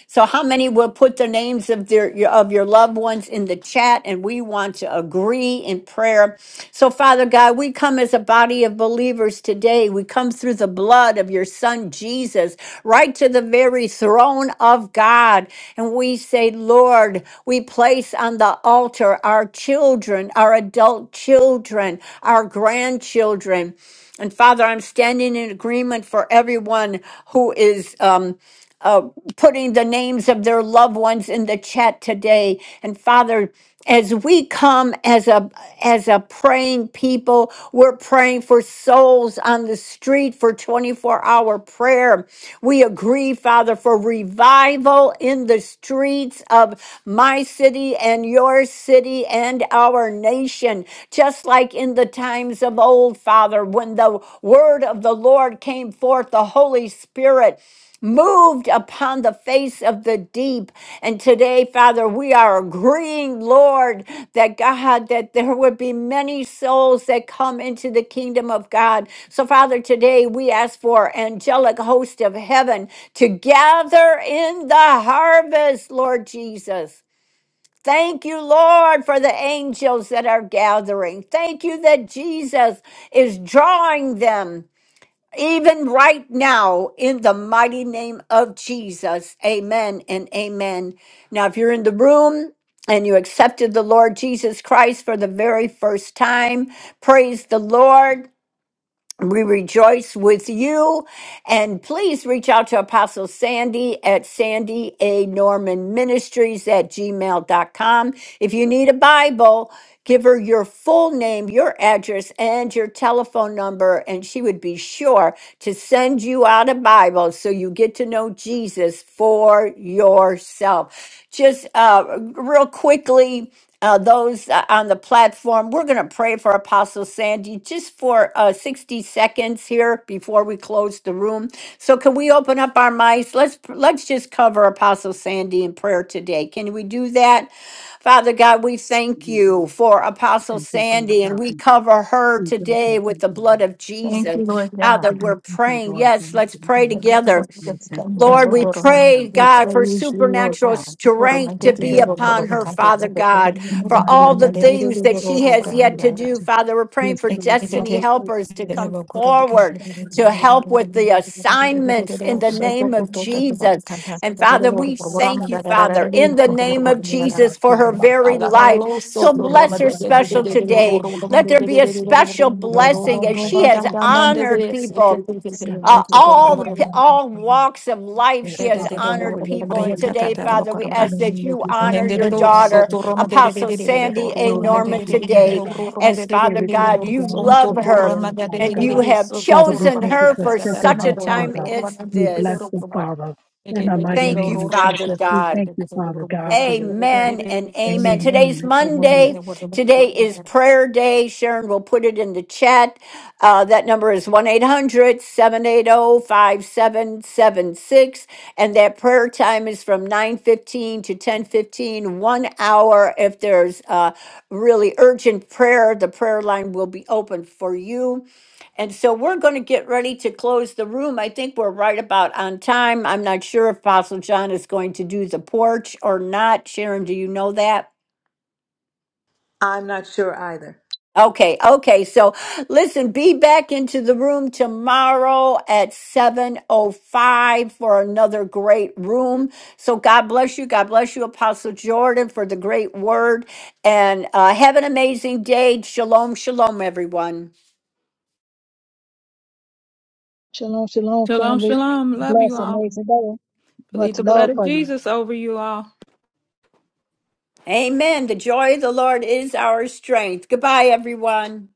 [SPEAKER 2] So, how many will put the names of their of your loved ones in the chat? And we want to agree in prayer. So, Father God, we come as a body of believers today. We come through the blood of your Son Jesus, right to the very throne of God, and we say, Lord, we place on the altar our children, our adult children, our grandchildren. And Father, I'm standing in agreement for everyone who is um, uh, putting the names of their loved ones in the chat today. And Father, as we come as a as a praying people, we're praying for souls on the street for 24-hour prayer. We agree, Father, for revival in the streets of my city and your city and our nation, just like in the times of old, Father, when the word of the Lord came forth, the Holy Spirit moved upon the face of the deep. And today, Father, we are agreeing, Lord, that God, that there would be many souls that come into the kingdom of God. So, Father, today we ask for angelic host of heaven to gather in the harvest, Lord Jesus. Thank you, Lord, for the angels that are gathering. Thank you that Jesus is drawing them even right now in the mighty name of Jesus. Amen and amen. Now, if you're in the room, and you accepted the Lord Jesus Christ for the very first time. Praise the Lord we rejoice with you. And please reach out to Apostle Sandy at Sandy A. Norman Ministries at gmail dot com. If you need a Bible, give her your full name, your address, and your telephone number, and she would be sure to send you out a Bible so you get to know Jesus for yourself. Just uh, real quickly, uh, those uh, on the platform. We're going to pray for Apostle Sandy just for uh, 60 seconds here before we close the room. So, can we open up our mics? Let's let's just cover Apostle Sandy in prayer today. Can we do that? Father God, we thank
[SPEAKER 9] Mhm.
[SPEAKER 2] you for Apostle
[SPEAKER 9] Thank you for your
[SPEAKER 2] Sandy, and
[SPEAKER 9] time.
[SPEAKER 2] we cover her
[SPEAKER 9] We don't
[SPEAKER 2] today
[SPEAKER 9] take
[SPEAKER 2] with
[SPEAKER 9] it.
[SPEAKER 2] the blood of
[SPEAKER 4] Thank you,
[SPEAKER 2] Jesus.
[SPEAKER 4] Lord God.
[SPEAKER 9] I
[SPEAKER 2] Father,
[SPEAKER 9] don't
[SPEAKER 2] we're
[SPEAKER 9] think it's
[SPEAKER 2] praying.
[SPEAKER 9] all
[SPEAKER 2] Yes,
[SPEAKER 9] done.
[SPEAKER 2] let's pray
[SPEAKER 4] Thank you.
[SPEAKER 2] together.
[SPEAKER 9] Let's say, come back
[SPEAKER 2] Lord, we
[SPEAKER 9] down to the
[SPEAKER 2] pray,
[SPEAKER 9] temple.
[SPEAKER 2] God, for supernatural
[SPEAKER 9] Yes,
[SPEAKER 2] strength
[SPEAKER 9] and
[SPEAKER 2] to
[SPEAKER 9] we
[SPEAKER 2] be
[SPEAKER 9] have gone
[SPEAKER 2] upon her,
[SPEAKER 9] from the
[SPEAKER 2] Father
[SPEAKER 9] government.
[SPEAKER 2] God,
[SPEAKER 9] In the
[SPEAKER 2] for
[SPEAKER 9] mighty
[SPEAKER 2] all the
[SPEAKER 9] name of
[SPEAKER 2] things that
[SPEAKER 9] Jesus,
[SPEAKER 2] she
[SPEAKER 9] I
[SPEAKER 2] has
[SPEAKER 9] thank you
[SPEAKER 2] yet
[SPEAKER 9] for
[SPEAKER 2] to
[SPEAKER 9] the
[SPEAKER 2] do.
[SPEAKER 9] two.
[SPEAKER 2] Father, we're praying
[SPEAKER 9] Yes,
[SPEAKER 2] for
[SPEAKER 9] Lord, God,
[SPEAKER 2] destiny
[SPEAKER 9] we thank you.
[SPEAKER 2] helpers to
[SPEAKER 9] Yes,
[SPEAKER 2] come forward
[SPEAKER 9] thank you for what
[SPEAKER 2] to
[SPEAKER 9] they have
[SPEAKER 2] help with the
[SPEAKER 9] done.
[SPEAKER 2] assignments in the
[SPEAKER 9] In
[SPEAKER 2] name of
[SPEAKER 9] the name of
[SPEAKER 2] Jesus.
[SPEAKER 9] Jesus,
[SPEAKER 2] And Father, we
[SPEAKER 9] thank
[SPEAKER 2] thank
[SPEAKER 9] God.
[SPEAKER 2] you, Father,
[SPEAKER 9] We
[SPEAKER 2] in the
[SPEAKER 9] thank you
[SPEAKER 2] name
[SPEAKER 9] for the
[SPEAKER 2] of
[SPEAKER 9] word of God,
[SPEAKER 2] Jesus for
[SPEAKER 9] called
[SPEAKER 2] her
[SPEAKER 9] about
[SPEAKER 2] very
[SPEAKER 9] the time.
[SPEAKER 2] life. So
[SPEAKER 9] We give you
[SPEAKER 2] bless
[SPEAKER 9] the
[SPEAKER 2] her
[SPEAKER 9] love of
[SPEAKER 2] special
[SPEAKER 9] our Lord, we
[SPEAKER 2] today.
[SPEAKER 9] give you
[SPEAKER 2] Let there
[SPEAKER 9] the
[SPEAKER 2] be a
[SPEAKER 9] thanks.
[SPEAKER 2] special
[SPEAKER 9] Lord, of our
[SPEAKER 2] blessing as
[SPEAKER 9] thanks,
[SPEAKER 2] she
[SPEAKER 9] we
[SPEAKER 2] has
[SPEAKER 9] give you the thanks.
[SPEAKER 2] honored people.
[SPEAKER 9] So
[SPEAKER 2] Uh,
[SPEAKER 9] church to
[SPEAKER 2] all the
[SPEAKER 9] remember
[SPEAKER 2] pe-
[SPEAKER 9] that of the
[SPEAKER 2] all
[SPEAKER 9] Lord.
[SPEAKER 2] walks of life, she
[SPEAKER 9] Yes,
[SPEAKER 4] De de
[SPEAKER 2] has
[SPEAKER 4] de
[SPEAKER 9] Father
[SPEAKER 4] de
[SPEAKER 9] God,
[SPEAKER 4] ro
[SPEAKER 9] for
[SPEAKER 2] honored
[SPEAKER 4] ro
[SPEAKER 9] your
[SPEAKER 4] ro ro
[SPEAKER 2] people. And
[SPEAKER 9] glory,
[SPEAKER 4] ta ta
[SPEAKER 2] today,
[SPEAKER 4] ta
[SPEAKER 9] Father.
[SPEAKER 4] ta ba
[SPEAKER 2] Father,
[SPEAKER 4] ko ro
[SPEAKER 2] we
[SPEAKER 9] In the
[SPEAKER 2] ask that
[SPEAKER 9] name of
[SPEAKER 2] you
[SPEAKER 9] Jesus, let
[SPEAKER 4] Ne
[SPEAKER 2] honor
[SPEAKER 4] de
[SPEAKER 9] there
[SPEAKER 4] de
[SPEAKER 2] your
[SPEAKER 9] be
[SPEAKER 4] ro
[SPEAKER 9] none, let
[SPEAKER 4] so
[SPEAKER 2] daughter,
[SPEAKER 9] there
[SPEAKER 4] to ro ma
[SPEAKER 9] be
[SPEAKER 4] de de de
[SPEAKER 2] Apostle
[SPEAKER 4] de
[SPEAKER 9] recognition.
[SPEAKER 4] de de ro
[SPEAKER 2] Sandy
[SPEAKER 4] ro
[SPEAKER 2] A.
[SPEAKER 4] ro ma
[SPEAKER 9] Lord,
[SPEAKER 4] de
[SPEAKER 9] let
[SPEAKER 4] de
[SPEAKER 9] there
[SPEAKER 2] Norman,
[SPEAKER 4] de
[SPEAKER 9] be
[SPEAKER 4] de de de
[SPEAKER 9] none, let
[SPEAKER 4] ro
[SPEAKER 2] today.
[SPEAKER 9] God.
[SPEAKER 4] ro ro ma
[SPEAKER 2] As
[SPEAKER 4] de de de de
[SPEAKER 2] Father
[SPEAKER 4] de
[SPEAKER 9] Everything
[SPEAKER 4] de
[SPEAKER 2] God,
[SPEAKER 4] ro
[SPEAKER 9] be
[SPEAKER 2] you
[SPEAKER 4] so
[SPEAKER 9] done and
[SPEAKER 2] love
[SPEAKER 4] to
[SPEAKER 9] taken
[SPEAKER 4] to ro
[SPEAKER 2] her
[SPEAKER 9] care
[SPEAKER 4] ma
[SPEAKER 9] of,
[SPEAKER 4] de de
[SPEAKER 9] Father
[SPEAKER 4] de
[SPEAKER 2] and
[SPEAKER 4] de de
[SPEAKER 2] you
[SPEAKER 9] God.
[SPEAKER 2] have
[SPEAKER 4] so to to
[SPEAKER 9] Father,
[SPEAKER 4] ro
[SPEAKER 9] we
[SPEAKER 4] ba
[SPEAKER 2] chosen
[SPEAKER 9] thank
[SPEAKER 4] ra
[SPEAKER 9] you
[SPEAKER 2] her
[SPEAKER 9] for
[SPEAKER 4] ta
[SPEAKER 2] for
[SPEAKER 4] ta ta ra
[SPEAKER 9] stilting
[SPEAKER 2] such
[SPEAKER 4] ma
[SPEAKER 2] a
[SPEAKER 9] our
[SPEAKER 4] do ro
[SPEAKER 2] time
[SPEAKER 4] ro
[SPEAKER 9] Father.
[SPEAKER 4] ro ma
[SPEAKER 2] as
[SPEAKER 4] de
[SPEAKER 9] We
[SPEAKER 4] de de de
[SPEAKER 9] bless
[SPEAKER 4] ro
[SPEAKER 2] this.
[SPEAKER 9] the
[SPEAKER 4] ro ra.
[SPEAKER 9] Father.
[SPEAKER 4] E
[SPEAKER 9] In
[SPEAKER 4] ke
[SPEAKER 9] the
[SPEAKER 4] te te
[SPEAKER 9] mighty
[SPEAKER 4] ro
[SPEAKER 2] Thank you,
[SPEAKER 9] name
[SPEAKER 4] ro
[SPEAKER 9] of
[SPEAKER 4] ro ro
[SPEAKER 2] Father
[SPEAKER 4] ro
[SPEAKER 9] Jesus,
[SPEAKER 4] ro
[SPEAKER 9] we
[SPEAKER 4] ma de
[SPEAKER 2] God.
[SPEAKER 9] thank
[SPEAKER 4] de de
[SPEAKER 9] you,
[SPEAKER 4] de
[SPEAKER 9] Father
[SPEAKER 4] ro ro ro
[SPEAKER 9] God,
[SPEAKER 4] ro
[SPEAKER 9] for your
[SPEAKER 4] de
[SPEAKER 9] strength.
[SPEAKER 2] Amen
[SPEAKER 4] de
[SPEAKER 2] and
[SPEAKER 4] de
[SPEAKER 2] amen.
[SPEAKER 4] so to
[SPEAKER 2] Today's
[SPEAKER 9] Amen.
[SPEAKER 4] to ro ro
[SPEAKER 9] Amen.
[SPEAKER 2] Monday.
[SPEAKER 4] ro ro ro
[SPEAKER 2] Today
[SPEAKER 4] ro
[SPEAKER 2] is prayer day. Sharon will put it in the chat. Uh, that number is 1 800 780 5776. And that prayer time is from nine fifteen to ten fifteen. one hour. If there's uh, really urgent prayer, the prayer line will be open for you. And so we're going to get ready to close the room. I think we're right about on time. I'm not sure if Apostle John is going to do the porch or not. Sharon, do you know that?
[SPEAKER 1] I'm not sure either.
[SPEAKER 2] Okay, okay. So listen, be back into the room tomorrow at 7:05 for another great room. So God bless you. God bless you Apostle Jordan for the great word and uh, have an amazing day. Shalom, shalom everyone.
[SPEAKER 9] Shalom, shalom,
[SPEAKER 4] Shalom,
[SPEAKER 9] family.
[SPEAKER 4] shalom. Love you
[SPEAKER 9] Bless,
[SPEAKER 4] all.
[SPEAKER 9] amazing day.
[SPEAKER 4] Believe
[SPEAKER 9] Much
[SPEAKER 4] the blood
[SPEAKER 9] love
[SPEAKER 4] of
[SPEAKER 9] for you.
[SPEAKER 4] Jesus over you all.
[SPEAKER 2] Amen. The joy of the Lord is our strength. Goodbye, everyone.